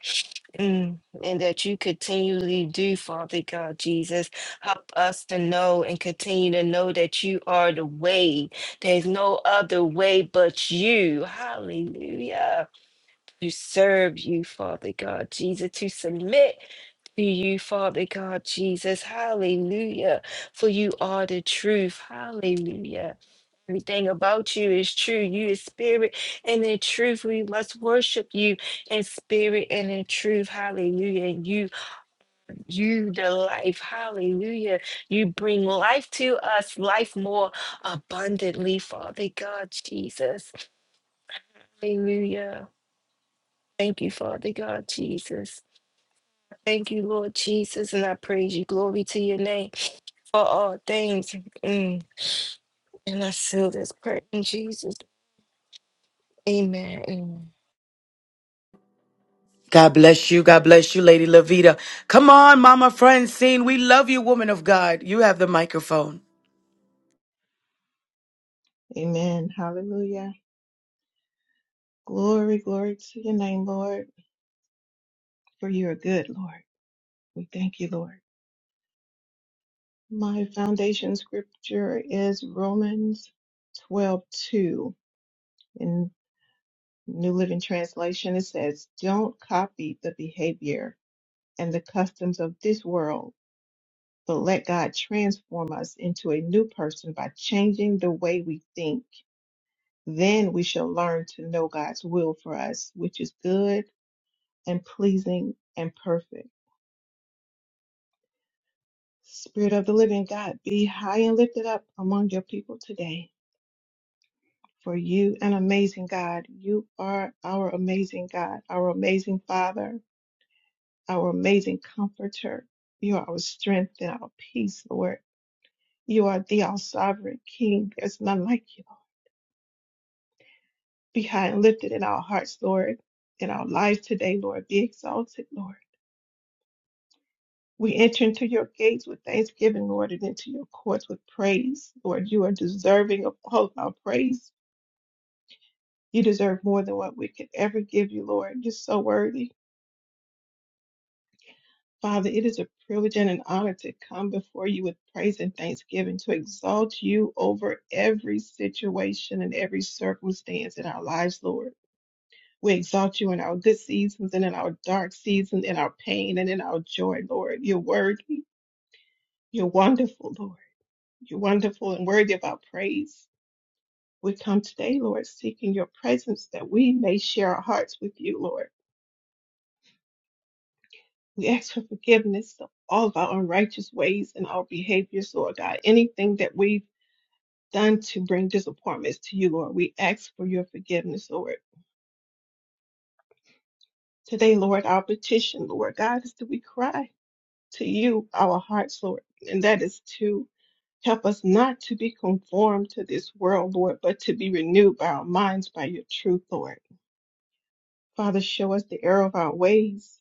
mm, and that you continually do, Father God Jesus. Help us to know and continue to know that you are the way. There's no other way but you. Hallelujah. To serve you, Father God Jesus, to submit to you, Father God Jesus. Hallelujah. For you are the truth. Hallelujah. Everything about you is true. You is spirit, and in truth we must worship you in spirit and in truth. Hallelujah. And you, you the life. Hallelujah. You bring life to us, life more abundantly, Father God Jesus. Hallelujah. Thank you, Father God Jesus. Thank you, Lord Jesus, and I praise you. Glory to your name for all things. Mm. And I seal this prayer in Jesus. Amen. Amen.
God bless you. God bless you, Lady Lavita. Come on, Mama Francine. We love you, woman of God. You have the microphone.
Amen. Hallelujah. Glory, glory to your name, Lord, for you are good, Lord. We thank you, Lord. My foundation scripture is Romans 12:2. In New Living Translation, it says, Don't copy the behavior and the customs of this world, but let God transform us into a new person by changing the way we think. Then we shall learn to know God's will for us, which is good and pleasing and perfect. Spirit of the living God, be high and lifted up among your people today. For you, an amazing God, you are our amazing God, our amazing Father, our amazing Comforter. You are our strength and our peace, Lord. You are the all sovereign King. There's none like you. Be high and lifted in our hearts, Lord, in our lives today, Lord. Be exalted, Lord. We enter into your gates with thanksgiving, Lord, and into your courts with praise. Lord, you are deserving of all of our praise. You deserve more than what we could ever give you, Lord. You're so worthy. Father, it is a privilege and an honor to come before you with praise and thanksgiving, to exalt you over every situation and every circumstance in our lives, Lord. We exalt you in our good seasons and in our dark seasons, in our pain and in our joy, Lord. You're worthy. You're wonderful, Lord. You're wonderful and worthy of our praise. We come today, Lord, seeking your presence that we may share our hearts with you, Lord. We ask for forgiveness of all of our unrighteous ways and our behaviors, Lord God. Anything that we've done to bring disappointments to you, Lord, we ask for your forgiveness, Lord. Today, Lord, our petition, Lord God, is that we cry to you, our hearts, Lord, and that is to help us not to be conformed to this world, Lord, but to be renewed by our minds by your truth, Lord. Father, show us the error of our ways.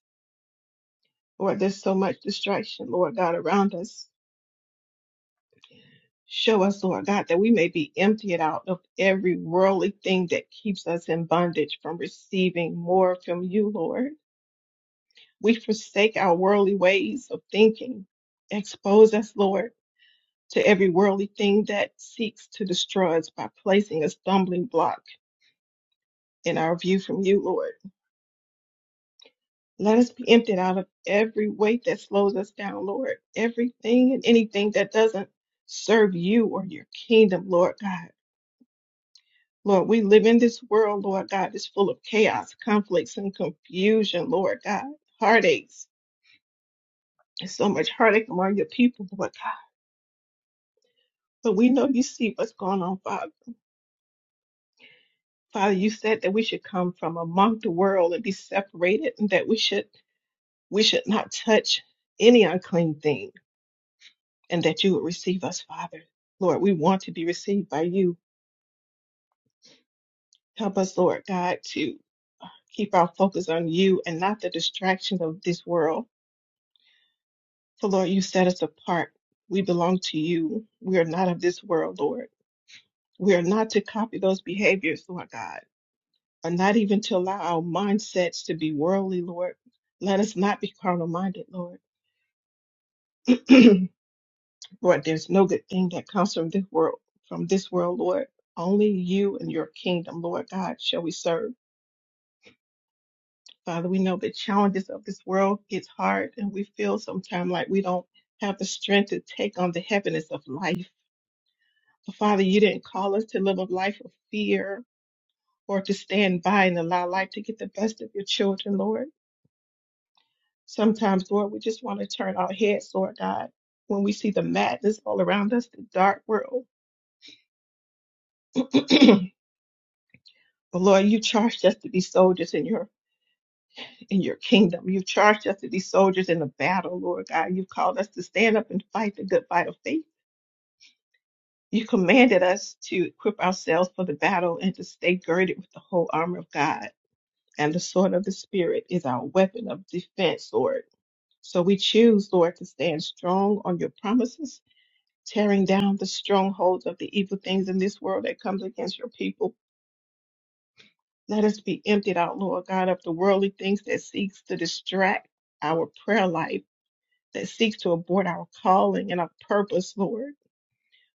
Lord, there's so much distraction, Lord God, around us Show us, Lord God, that we may be emptied out of every worldly thing that keeps us in bondage from receiving more from you, Lord. We forsake our worldly ways of thinking. Expose us, Lord, to every worldly thing that seeks to destroy us by placing a stumbling block in our view from you, Lord. Let us be emptied out of every weight that slows us down, Lord. Everything and anything that doesn't serve you or your kingdom, Lord God. Lord, we live in this world, Lord God, that's full of chaos, conflicts, and confusion, Lord God, heartaches. There's so much heartache among your people, Lord God. But we know you see what's going on, Father. Father, you said that we should come from among the world and be separated, and that we should we should not touch any unclean thing, and that you would receive us, Father. Lord, we want to be received by you. Help us, Lord God, to keep our focus on you and not the distractions of this world So, Lord, you set us apart. We belong to you. We are not of this world, Lord. We are not to copy those behaviors, Lord God, and not even to allow our mindsets to be worldly, Lord. Let us not be carnal minded, Lord. *clears throat* Lord, there's no good thing that comes from this world, from this world, Lord. Only you and your kingdom, Lord God, shall we serve. Father, we know the challenges of this world gets hard and we feel sometimes like we don't have the strength to take on the heaviness of life. Father, you didn't call us to live a life of fear or to stand by and allow life to get the best of your children, Lord. Sometimes, Lord, we just want to turn our heads, Lord God, when we see the madness all around us, the dark world. *clears throat* but Lord, you charged us to be soldiers in your in your kingdom. you charged us to be soldiers in the battle, Lord God. you called us to stand up and fight the good fight of faith. You commanded us to equip ourselves for the battle and to stay girded with the whole armor of God. And the sword of the Spirit is our weapon of defense, Lord. So we choose, Lord, to stand strong on your promises, tearing down the strongholds of the evil things in this world that comes against your people. Let us be emptied out, Lord God, of the worldly things that seeks to distract our prayer life, that seeks to abort our calling and our purpose, Lord.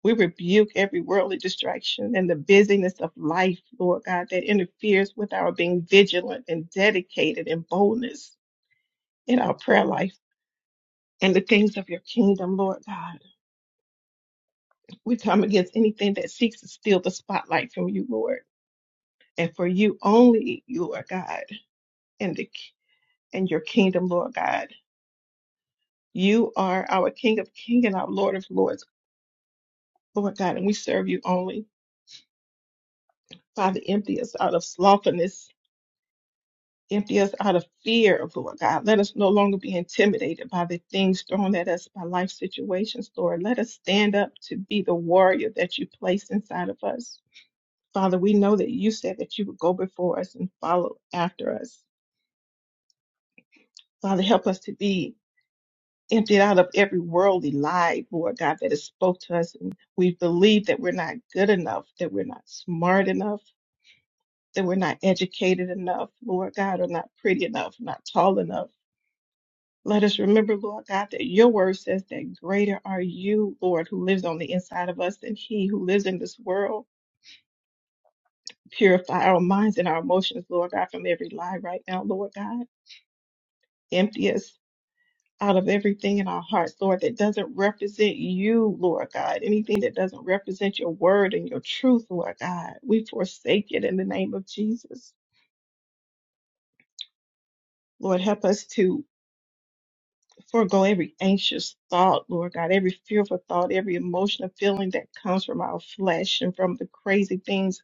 We rebuke every worldly distraction and the busyness of life, Lord God, that interferes with our being vigilant and dedicated in boldness. in our prayer life and the things of your kingdom, Lord God. We come against anything that seeks to steal the spotlight from you, Lord, and for you only, you are God, and the and your kingdom, Lord God. You are our King of Kings and our Lord of Lords, Lord God, and we serve you only. Father, empty us out of slothfulness. Empty us out of fear Lord God. Let us no longer be intimidated by the things thrown at us by life situations, Lord. Let us stand up to be the warrior that you place inside of us. Father, we know that you said that you would go before us and follow after us. Father, help us to be emptied out of every worldly lie, Lord God, that has spoke to us. And we believe that we're not good enough, that we're not smart enough, that we're not educated enough, Lord God, or not pretty enough, not tall enough. Let us remember, Lord God, that your word says that greater are you, Lord, who lives on the inside of us than he who lives in this world. Purify our minds and our emotions, Lord God, from every lie right now, Lord God empty us out of everything in our hearts, Lord, that doesn't represent you, Lord God. Anything that doesn't represent your word and your truth, Lord God, we forsake it in the name of Jesus. Lord, help us to forego every anxious thought, Lord God, every fearful thought, every emotional feeling that comes from our flesh and from the crazy things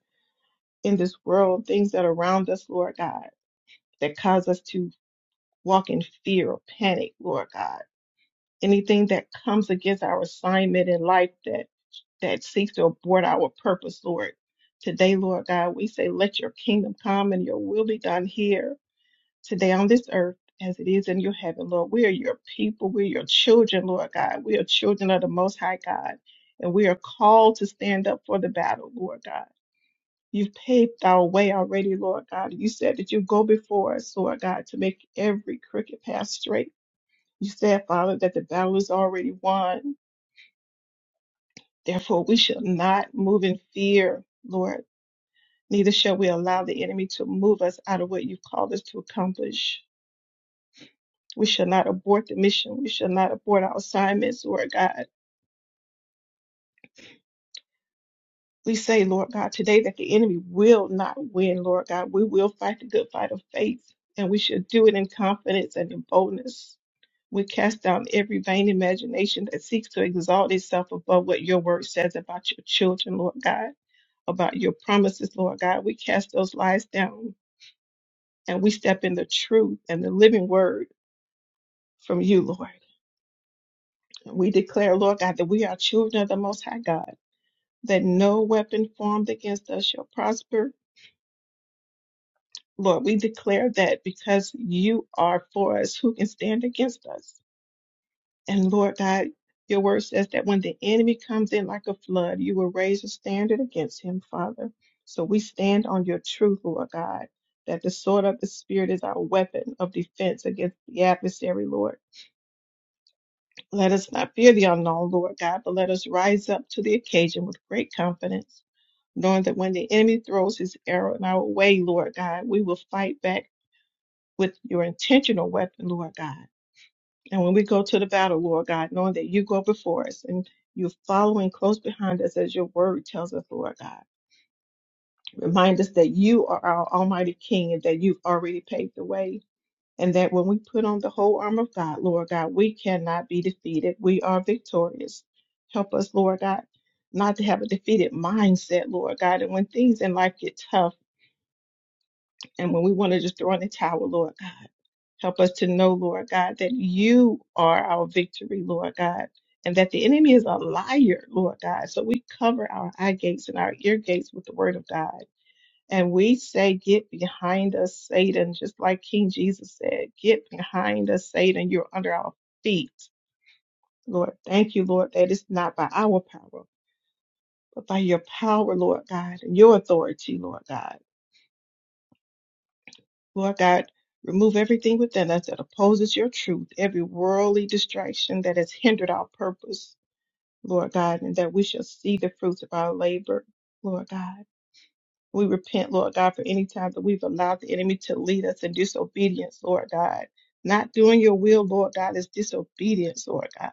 in this world, things that are around us, Lord God, that cause us to walk in fear or panic, Lord God anything that comes against our assignment in life that. that seeks to abort our purpose, Lord. Today, Lord God, we say, let your kingdom come and your will be done here today on this earth as it is in your heaven, Lord. We are your people. We are your children, Lord God. We are children of the Most High God, and we are called to stand up for the battle, Lord God. You've paved our way already, Lord God. You said that you go before us, Lord God, to make every crooked path straight. You said, Father, that the battle is already won. Therefore, we shall not move in fear, Lord. Neither shall we allow the enemy to move us out of what you've called us to accomplish. We shall not abort the mission. We shall not abort our assignments, Lord God. We say, Lord God, today that the enemy will not win, Lord God. We will fight the good fight of faith, and we shall do it in confidence and in boldness. We cast down every vain imagination that seeks to exalt itself above what your word says about your children, Lord God, about your promises, Lord God. We cast those lies down and we step in the truth and the living word from you, Lord. We declare, Lord God, that we are children of the Most High God, that no weapon formed against us shall prosper. Lord, we declare that because you are for us, who can stand against us? And Lord God, your word says that when the enemy comes in like a flood, you will raise a standard against him, Father. So we stand on your truth, Lord God, that the sword of the Spirit is our weapon of defense against the adversary, Lord. Let us not fear the unknown, Lord God, but let us rise up to the occasion with great confidence, knowing that when the enemy throws his arrow in our way, Lord God, we will fight back with your intentional weapon, Lord God. And when we go to the battle, Lord God, knowing that you go before us and you're following close behind us as your word tells us, Lord God. Remind us that you are our Almighty King and that you've already paved the way and that when we put on the whole armor of God, Lord God, we cannot be defeated. We are victorious. Help us, Lord God, not to have a defeated mindset, Lord God. And when things in life get tough and when we want to just throw in the towel, Lord God, help us to know, Lord God, that you are our victory, Lord God. And that the enemy is a liar, Lord God. So we cover our eye gates and our ear gates with the word of God. And we say, Get behind us, Satan, just like King Jesus said, Get behind us, Satan, you're under our feet. Lord, thank you, Lord, that it's not by our power, but by your power, Lord God, and your authority, Lord God. Lord God, remove everything within us that opposes your truth, every worldly distraction that has hindered our purpose, Lord God, and that we shall see the fruits of our labor, Lord God. We repent, Lord God, for any time that we've allowed the enemy to lead us in disobedience, Lord God. Not doing your will, Lord God, is disobedience, Lord God.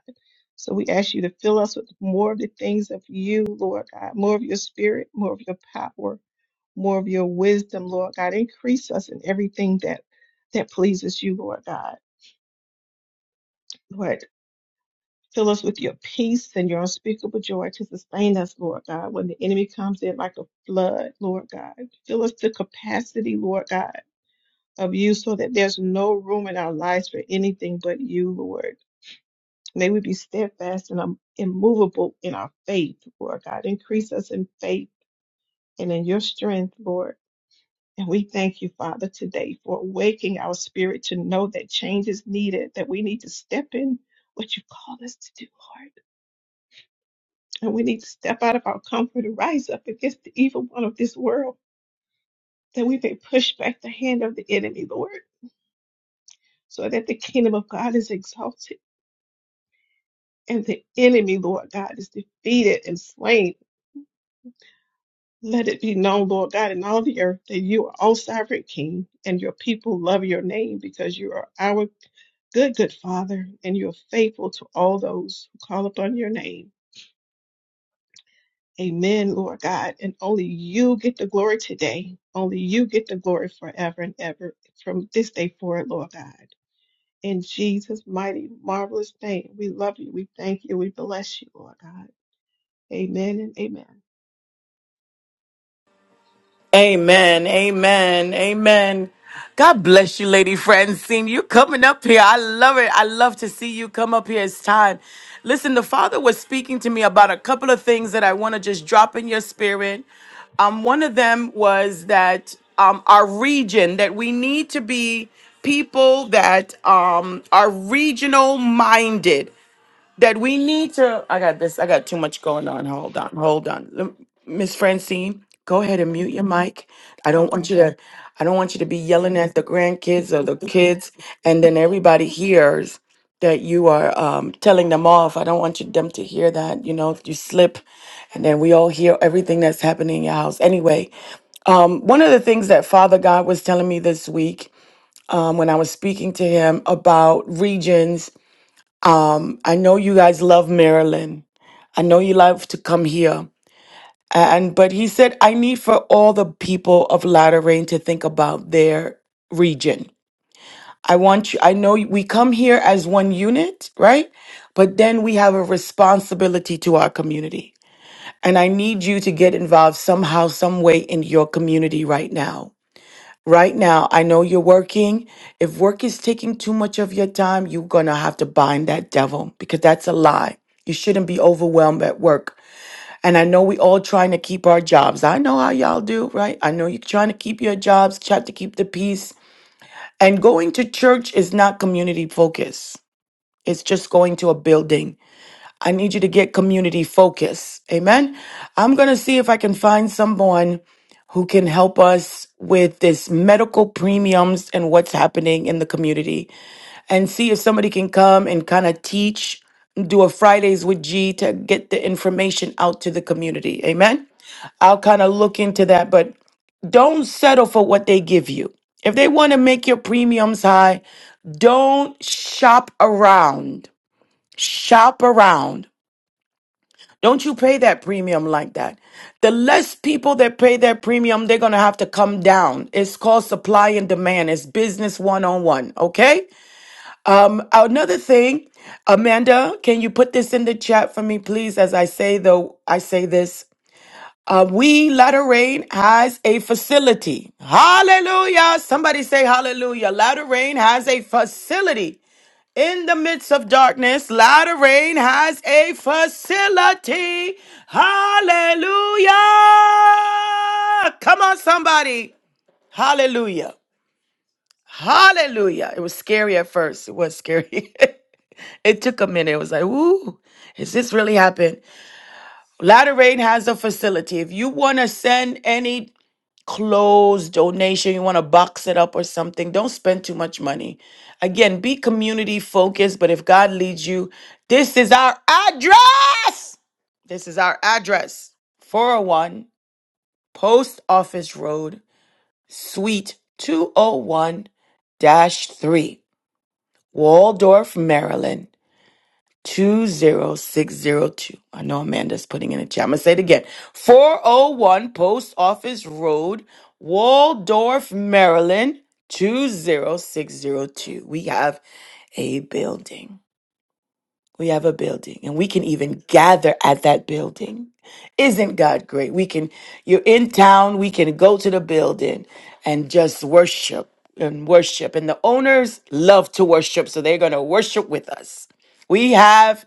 So we ask you to fill us with more of the things of you, Lord God, more of your spirit, more of your power, more of your wisdom, Lord God. Increase us in everything that that pleases you, Lord God. Lord, fill us with your peace and your unspeakable joy to sustain us, Lord God, when the enemy comes in like a flood, Lord God. Fill us to capacity, Lord God of you so that there's no room in our lives for anything but you, Lord. May we be steadfast and um, immovable in our faith, Lord God. Increase us in faith and in your strength, Lord. And we thank you, Father, today for awakening our spirit to know that change is needed, that we need to step in what you call us to do, Lord. And we need to step out of our comfort and rise up against the evil one of this world, that we may push back the hand of the enemy, Lord, so that the kingdom of God is exalted and the enemy, Lord God, is defeated and slain. Let it be known, Lord God, in all the earth that you are, O sovereign King, and your people love your name because you are our good, good Father, and you are faithful to all those who call upon your name. Amen, Lord God. And only you get the glory today. Only you get the glory forever and ever from this day forward, Lord God. In Jesus' mighty, marvelous name, we love you. We thank you. We bless you, Lord God. Amen and amen.
Amen. Amen. Amen. God bless you, Lady Francine. You coming up here. I love it. I love to see you come up here. It's time. Listen, the Father was speaking to me about a couple of things that I want to just drop in your spirit. Um, one of them was that um, our region, that we need to be people that um, are regional minded that we need to i got this i got too much going on hold on hold on Lem- miss francine go ahead and mute your mic i don't want you
Okay.
to i don't want you to be yelling at the grandkids or the kids and then everybody hears that you are um, telling them off i don't want you, them to hear that you know if you slip and then we all hear everything that's happening in your house anyway um, one of the things that father god was telling me this week um, when i was speaking to him about regions i know you guys love maryland I know you love to come here. And but he said, I need for all the people of Latter Rain to think about their region. I want you, I know we come here as one unit, right? But then we have a responsibility to our community. And I need you to get involved somehow, some way in your community right now. Right now, I know you're working. If work is taking too much of your time, you're gonna have to bind that devil because that's a lie. You shouldn't be overwhelmed at work. And I know we all trying to keep our jobs. I know how y'all do, right? I know you're trying to keep your jobs, trying to keep the peace. And going to church is not community focus. It's just going to a building. I need you to get community focus. Amen. I'm going to see if I can find someone who can help us with this medical premiums and what's happening in the community and see if somebody can come and kind of teach do a Fridays with G to get the information out to the community. Amen. I'll kind of look into that, but don't settle for what they give you. If they want to make your premiums high, don't shop around. Shop around. Don't you pay that premium like that. The less people that pay that premium, they're going to have to come down. It's called supply and demand. It's business one on one. Okay. Um, another thing, Amanda, can you put this in the chat for me, please? As I say though, I say this. Uh, we Latter Rain has a facility. Hallelujah. Somebody say hallelujah. Latter Rain has a facility. In the midst of darkness, Latter Rain has a facility. Hallelujah. Come on, somebody. Hallelujah. Hallelujah. It was scary at first. It was scary. *laughs* it took a minute. It was like, ooh, is this really happened? Latter Rain has a facility. If you want to send any clothes, donation, you want to box it up or something. Don't spend too much money. Again, be community focused, but if God leads you, this is our address. This is our address 401 Post Office Road, Suite 201 dash 3, Waldorf, Maryland. 20602. I know Amanda's putting in a chat. I'm going to say it again 401 Post Office Road, Waldorf, Maryland 20602. We have a building. We have a building and we can even gather at that building. Isn't God great? We can, you're in town, we can go to the building and just worship and worship. And the owners love to worship, so they're going to worship with us. We have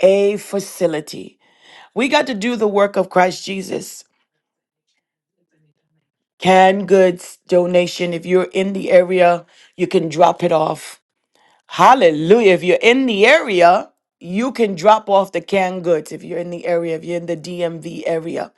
a facility. We got to do the work of Christ Jesus. Canned goods donation. If you're in the area, you can drop it off Hallelujah. If you're in the area, you can drop off the canned goods if you're in the area, if you're in the DMV area.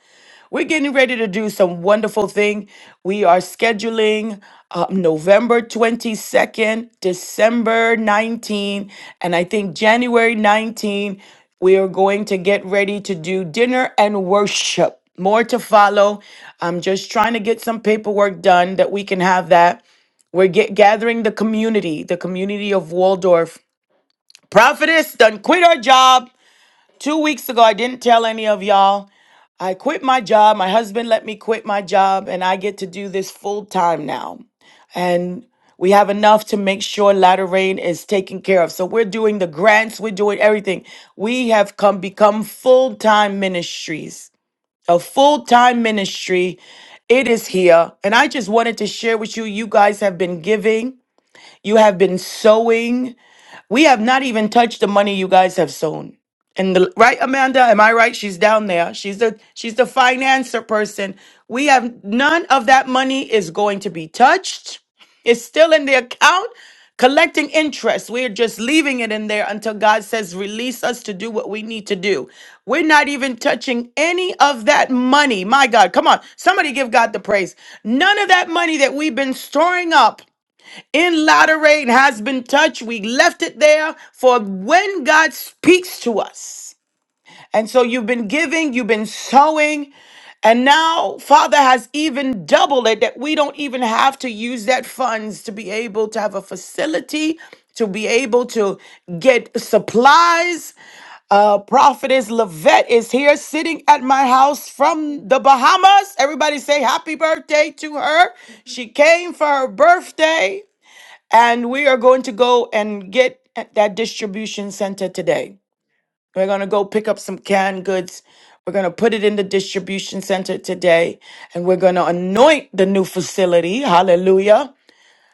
We're getting ready to do some wonderful thing. We are scheduling uh, November 22nd, December 19, and I think January 19, we are going to get ready to do dinner and worship. More to follow. I'm just trying to get some paperwork done that we can have that. We're get, gathering the community, the community of Waldorf Prophetess done quit her job. Two weeks ago, I didn't tell any of y'all. I quit my job. My husband let me quit my job, and I get to do this full time now. And we have enough to make sure Latter Rain is taken care of. So we're doing the grants, we're doing everything. We have come become full time ministries, a full time ministry. It is here. And I just wanted to share with you, you guys have been giving, you have been sowing. We have not even touched the money you guys have sown. And the, right, Amanda, am I right? She's down there. She's the she's the financer person. We have none of that money is going to be touched. It's still in the account, collecting interest. We're just leaving it in there until God says release us to do what we need to do. We're not even touching any of that money. My God, come on, somebody give God the praise. None of that money that we've been storing up to her. She came for her birthday. And we are going to go and get at that distribution center today. We're going to go pick up some canned goods. We're going to put it in the distribution center today and we're going to anoint the new facility. Hallelujah.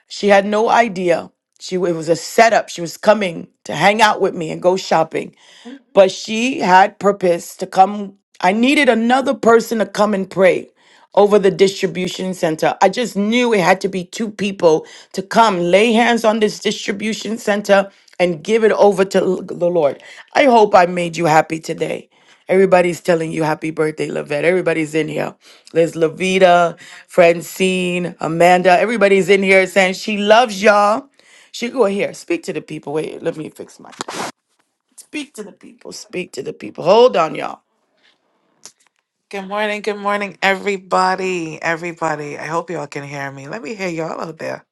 She had no idea. She it was a setup. She was coming to hang out with me and go shopping but she had purpose to come. I needed another person to come and pray over the distribution center. I just knew it had to be two people to come lay hands on this distribution center and give it over to l- the Lord. I hope I made you happy today. Everybody's telling you happy birthday, Lavette. Everybody's in here. There's Lavita, Francine, Amanda. Everybody's in here saying she loves y'all. She go here. Speak to the people. Wait, let me fix mine. Speak to the people. Speak to the people. Hold on, y'all. Good morning. Good morning, everybody. Everybody. I hope y'all can hear me. Let me hear y'all out there.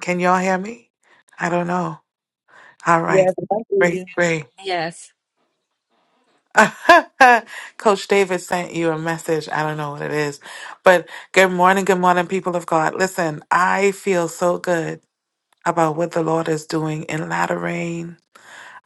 Can y'all hear me? I don't know. All right. Great, great.
Yes.
*laughs* Coach David sent you a message. I don't know what it is. But good morning. Good morning, people of God. Listen, I feel so good about what the Lord is doing in Latter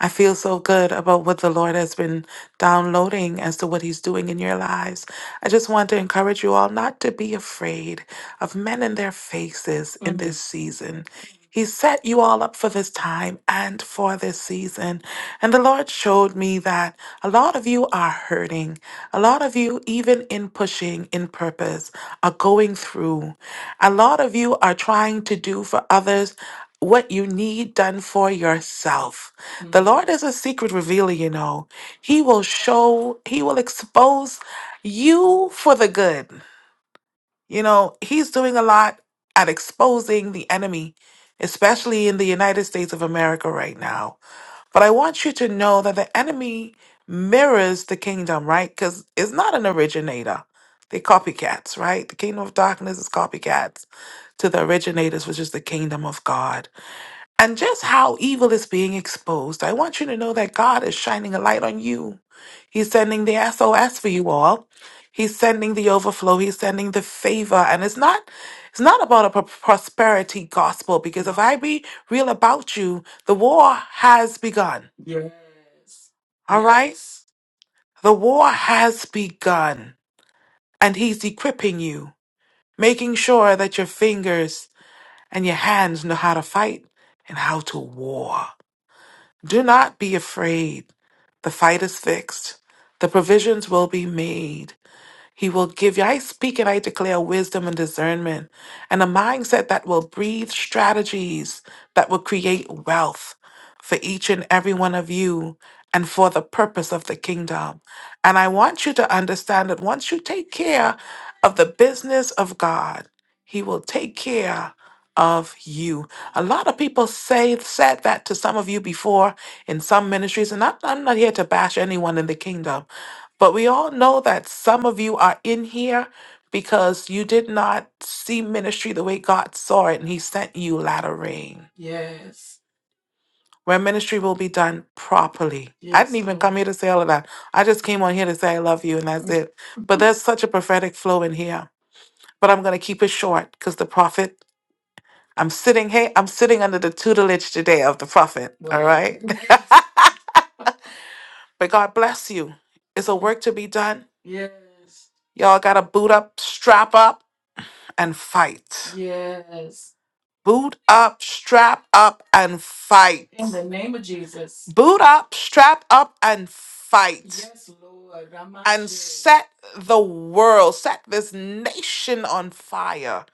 I feel so good about what the Lord has been downloading as to what He's doing in your lives. I just want to encourage you all not to be afraid of men in their faces in Mm. this season. He set you all up for this time and for this season. And the Lord showed me that a lot of you are hurting. A lot of you, even in pushing in purpose, are going through. A lot of you are trying to do for others what you need done for yourself. The Mhm. Lord is a secret revealer, you know. He will show, He will expose you for the good. You know, He's doing a lot at exposing the enemy, especially in the United States of America right now. But I want you to know that the enemy mirrors the kingdom, right? Because it's not an originator. They're copycats, right? The kingdom of darkness is copycats to the originators, which is the kingdom of God and just how evil is being exposed. I want you to know that God is shining a light on you. He's sending the SOS for you all. He's sending the overflow. He's sending the favor. And it's not it's not about a pro- prosperity gospel because if I be real about you, the war has begun. All right? Yes. The war has begun. And he's equipping you, making sure that your fingers and your hands know how to fight and how to war. Do not be afraid. The fight is fixed. The provisions will be made. He will give you. I speak and I declare wisdom and discernment and a mindset that will breathe strategies that will create wealth for each and every one of you and for the purpose of the kingdom. And I want you to understand that once you take care of the business of God, He will take care of you. A lot of people say said that to some of you before in some ministries, and I'm, I'm not here to bash anyone in the kingdom. But we all know that some of you are in here because you did not see ministry the way God saw it, and He sent you latter rain, where ministry will be done properly. I didn't Yes, even Lord. come Lord. here to say all of that. I just came on here to say I love you, and that's it. But there's such a prophetic flow in here. But I'm going to keep it short because the prophet, I'm sitting, hey, I'm sitting under the tutelage today of the prophet, all Wow. right? *laughs* But God bless you. It's a work to be done. Yes. Y'all got to boot up, strap up and fight. Yes. Boot up, strap up, and fight. Amen. Boot up, strap up, and fight. Yes, I And do. set the world, set this nation on fire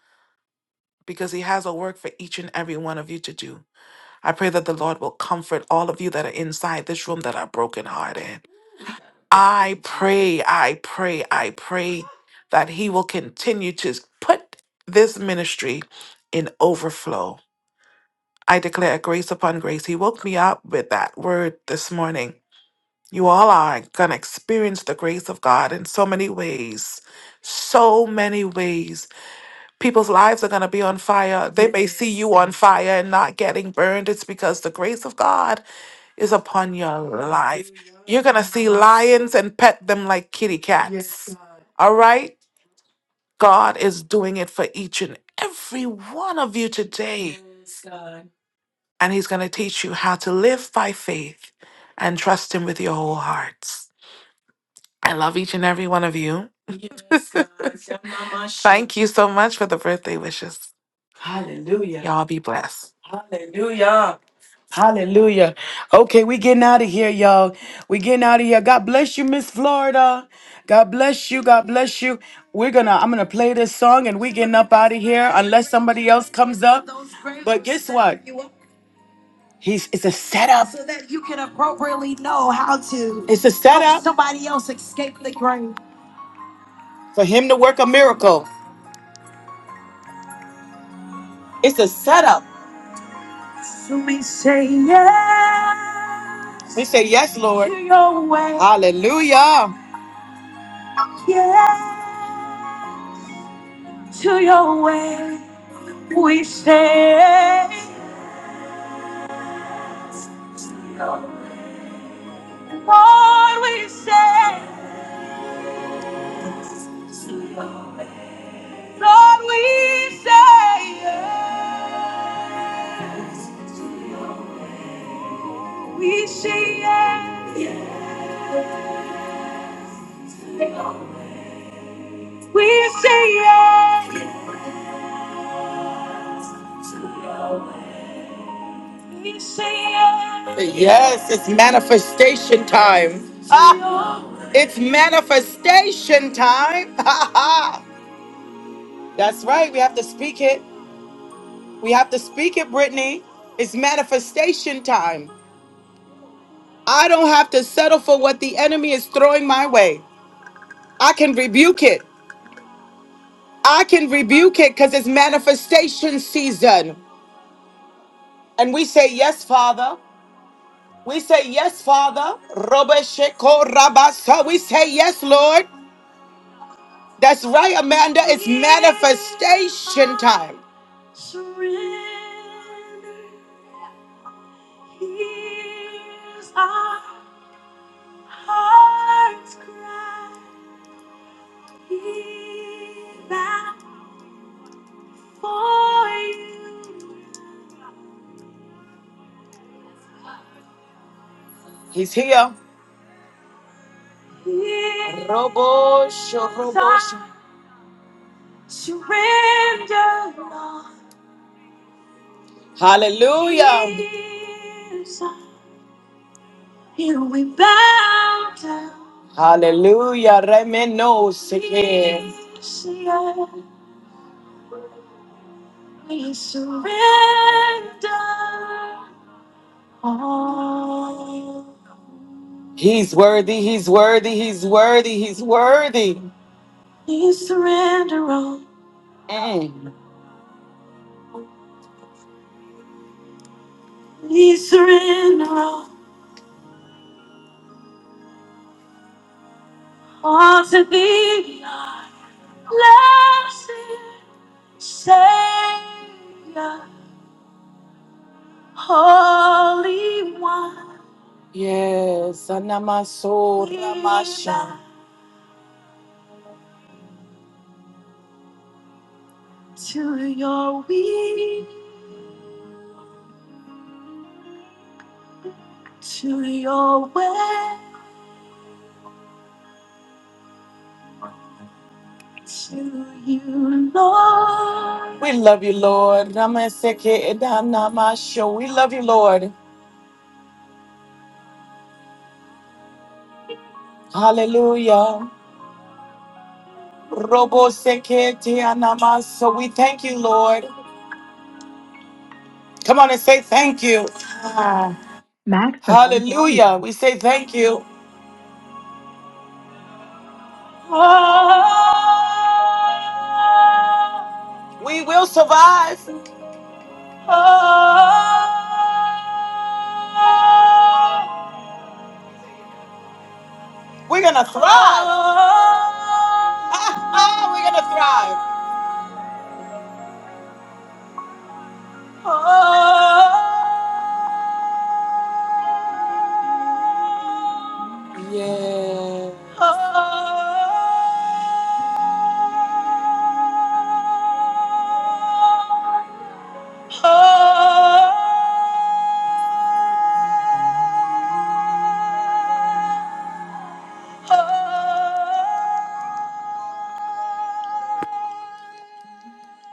because He has a work for each and every one of you to do. I pray that the Lord will comfort all of you that are inside this room that are brokenhearted. Thank I pray, I pray, I pray that He will continue to put this ministry in overflow I declare grace upon grace. He woke me up with that word this morning. You all are going to experience the grace of God in so many ways. So many ways. People's lives are going to be on fire. They may see you on fire and not getting burned. It's because the grace of God is upon your life. You're going to see lions and pet them like kitty cats. All right? God is doing it for each and every one of you today. and he's going to teach you how to live by faith and trust him with your whole hearts. I love each and every one of you. Thank you so much for the birthday wishes. Yeah. Y'all be blessed. Hallelujah. Okay, we getting out of here, y'all. We getting out of here. God bless you, Miss Florida. God bless you. God bless you. We're gonna I'm gonna play this song and we getting up out of here unless somebody else comes up. But guess what? He's it's a setup. so that you can appropriately know how to It's a help setup somebody else escape the grave. for him to work a miracle. It's a setup. So we say yes We say yes, Lord. to your way. Hallelujah. Yes to your way. We say, Lord, we say, Lord, we say yes. We say yes. We say yes. Yes, it's manifestation time. Ah, it's manifestation time. *laughs* That's right. We have to speak it. We have to speak it, Brittany. It's manifestation time. I don't have to settle for what the enemy is throwing my way. I can rebuke it. I can rebuke it because it's manifestation season. And we say, Yes, Father. We say, Yes, Father. Robesheko rabasa. We say, Yes, Lord. That's right, Amanda. It's manifestation time. It's here. Robo sho- robo sho- Hallelujah. Here we bow down. Hallelujah, remeno seke. We surrender all. He's worthy, he's worthy, he's worthy, he's worthy. We surrender all. Mm. We surrender all, all to thee, blessed Savior, Holy One. Yes, Anamaso Ramasha. To your way, to your way, to you, Lord. We love you, Lord. Namaseke edanamasho. We love you, Lord. Hallelujah. Robo seke anamaso. We thank you, Lord. Come on and say thank you. Hallelujah. We say thank you.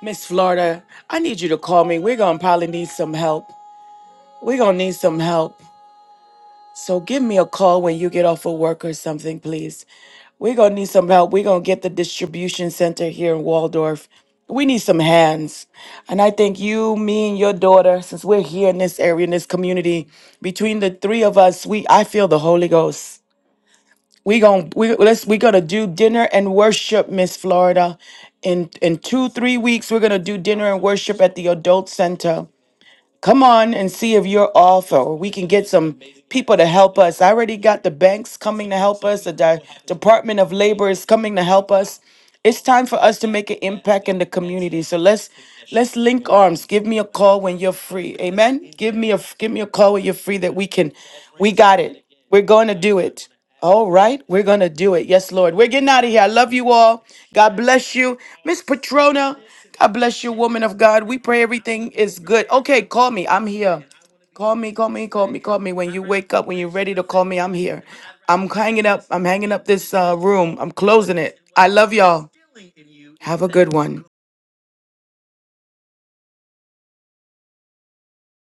Miss Florida, I need you to call me. We're going to probably need some help. We're going to need some help. So give me a call when you get off of work or something, please. We're going to need some help. We're going to get the distribution center here in Waldorf. We need some hands. And I think you, me, and your daughter, since we're here in this area, in this community, between the three of us, we I feel the Holy Ghost. We gonna we let's we gonna do dinner and worship, Miss Florida. In in two, three weeks, we're gonna do dinner and worship at the adult center. Come on and see if you're off, or We can get some people to help us. I already got the banks coming to help us. The Di- Department of Labor is coming to help us. It's time for us to make an impact in the community. So let's link arms. Give me a call when you're free. Amen. Give me a give me a call when you're free. Can at it. We're going to do it. All right. We're going to do it. Yes, Lord. We're getting out of here. I love you all. Bless you. Patricia, woman of God. We pray everything is good. Okay, call me. I'm here. Call me, call me, call me, call me. When you wake up, when you're ready to call me, I'm here. I'm hanging up. I'm hanging up this uh, room. I'm closing it. I love y'all. Have a good one.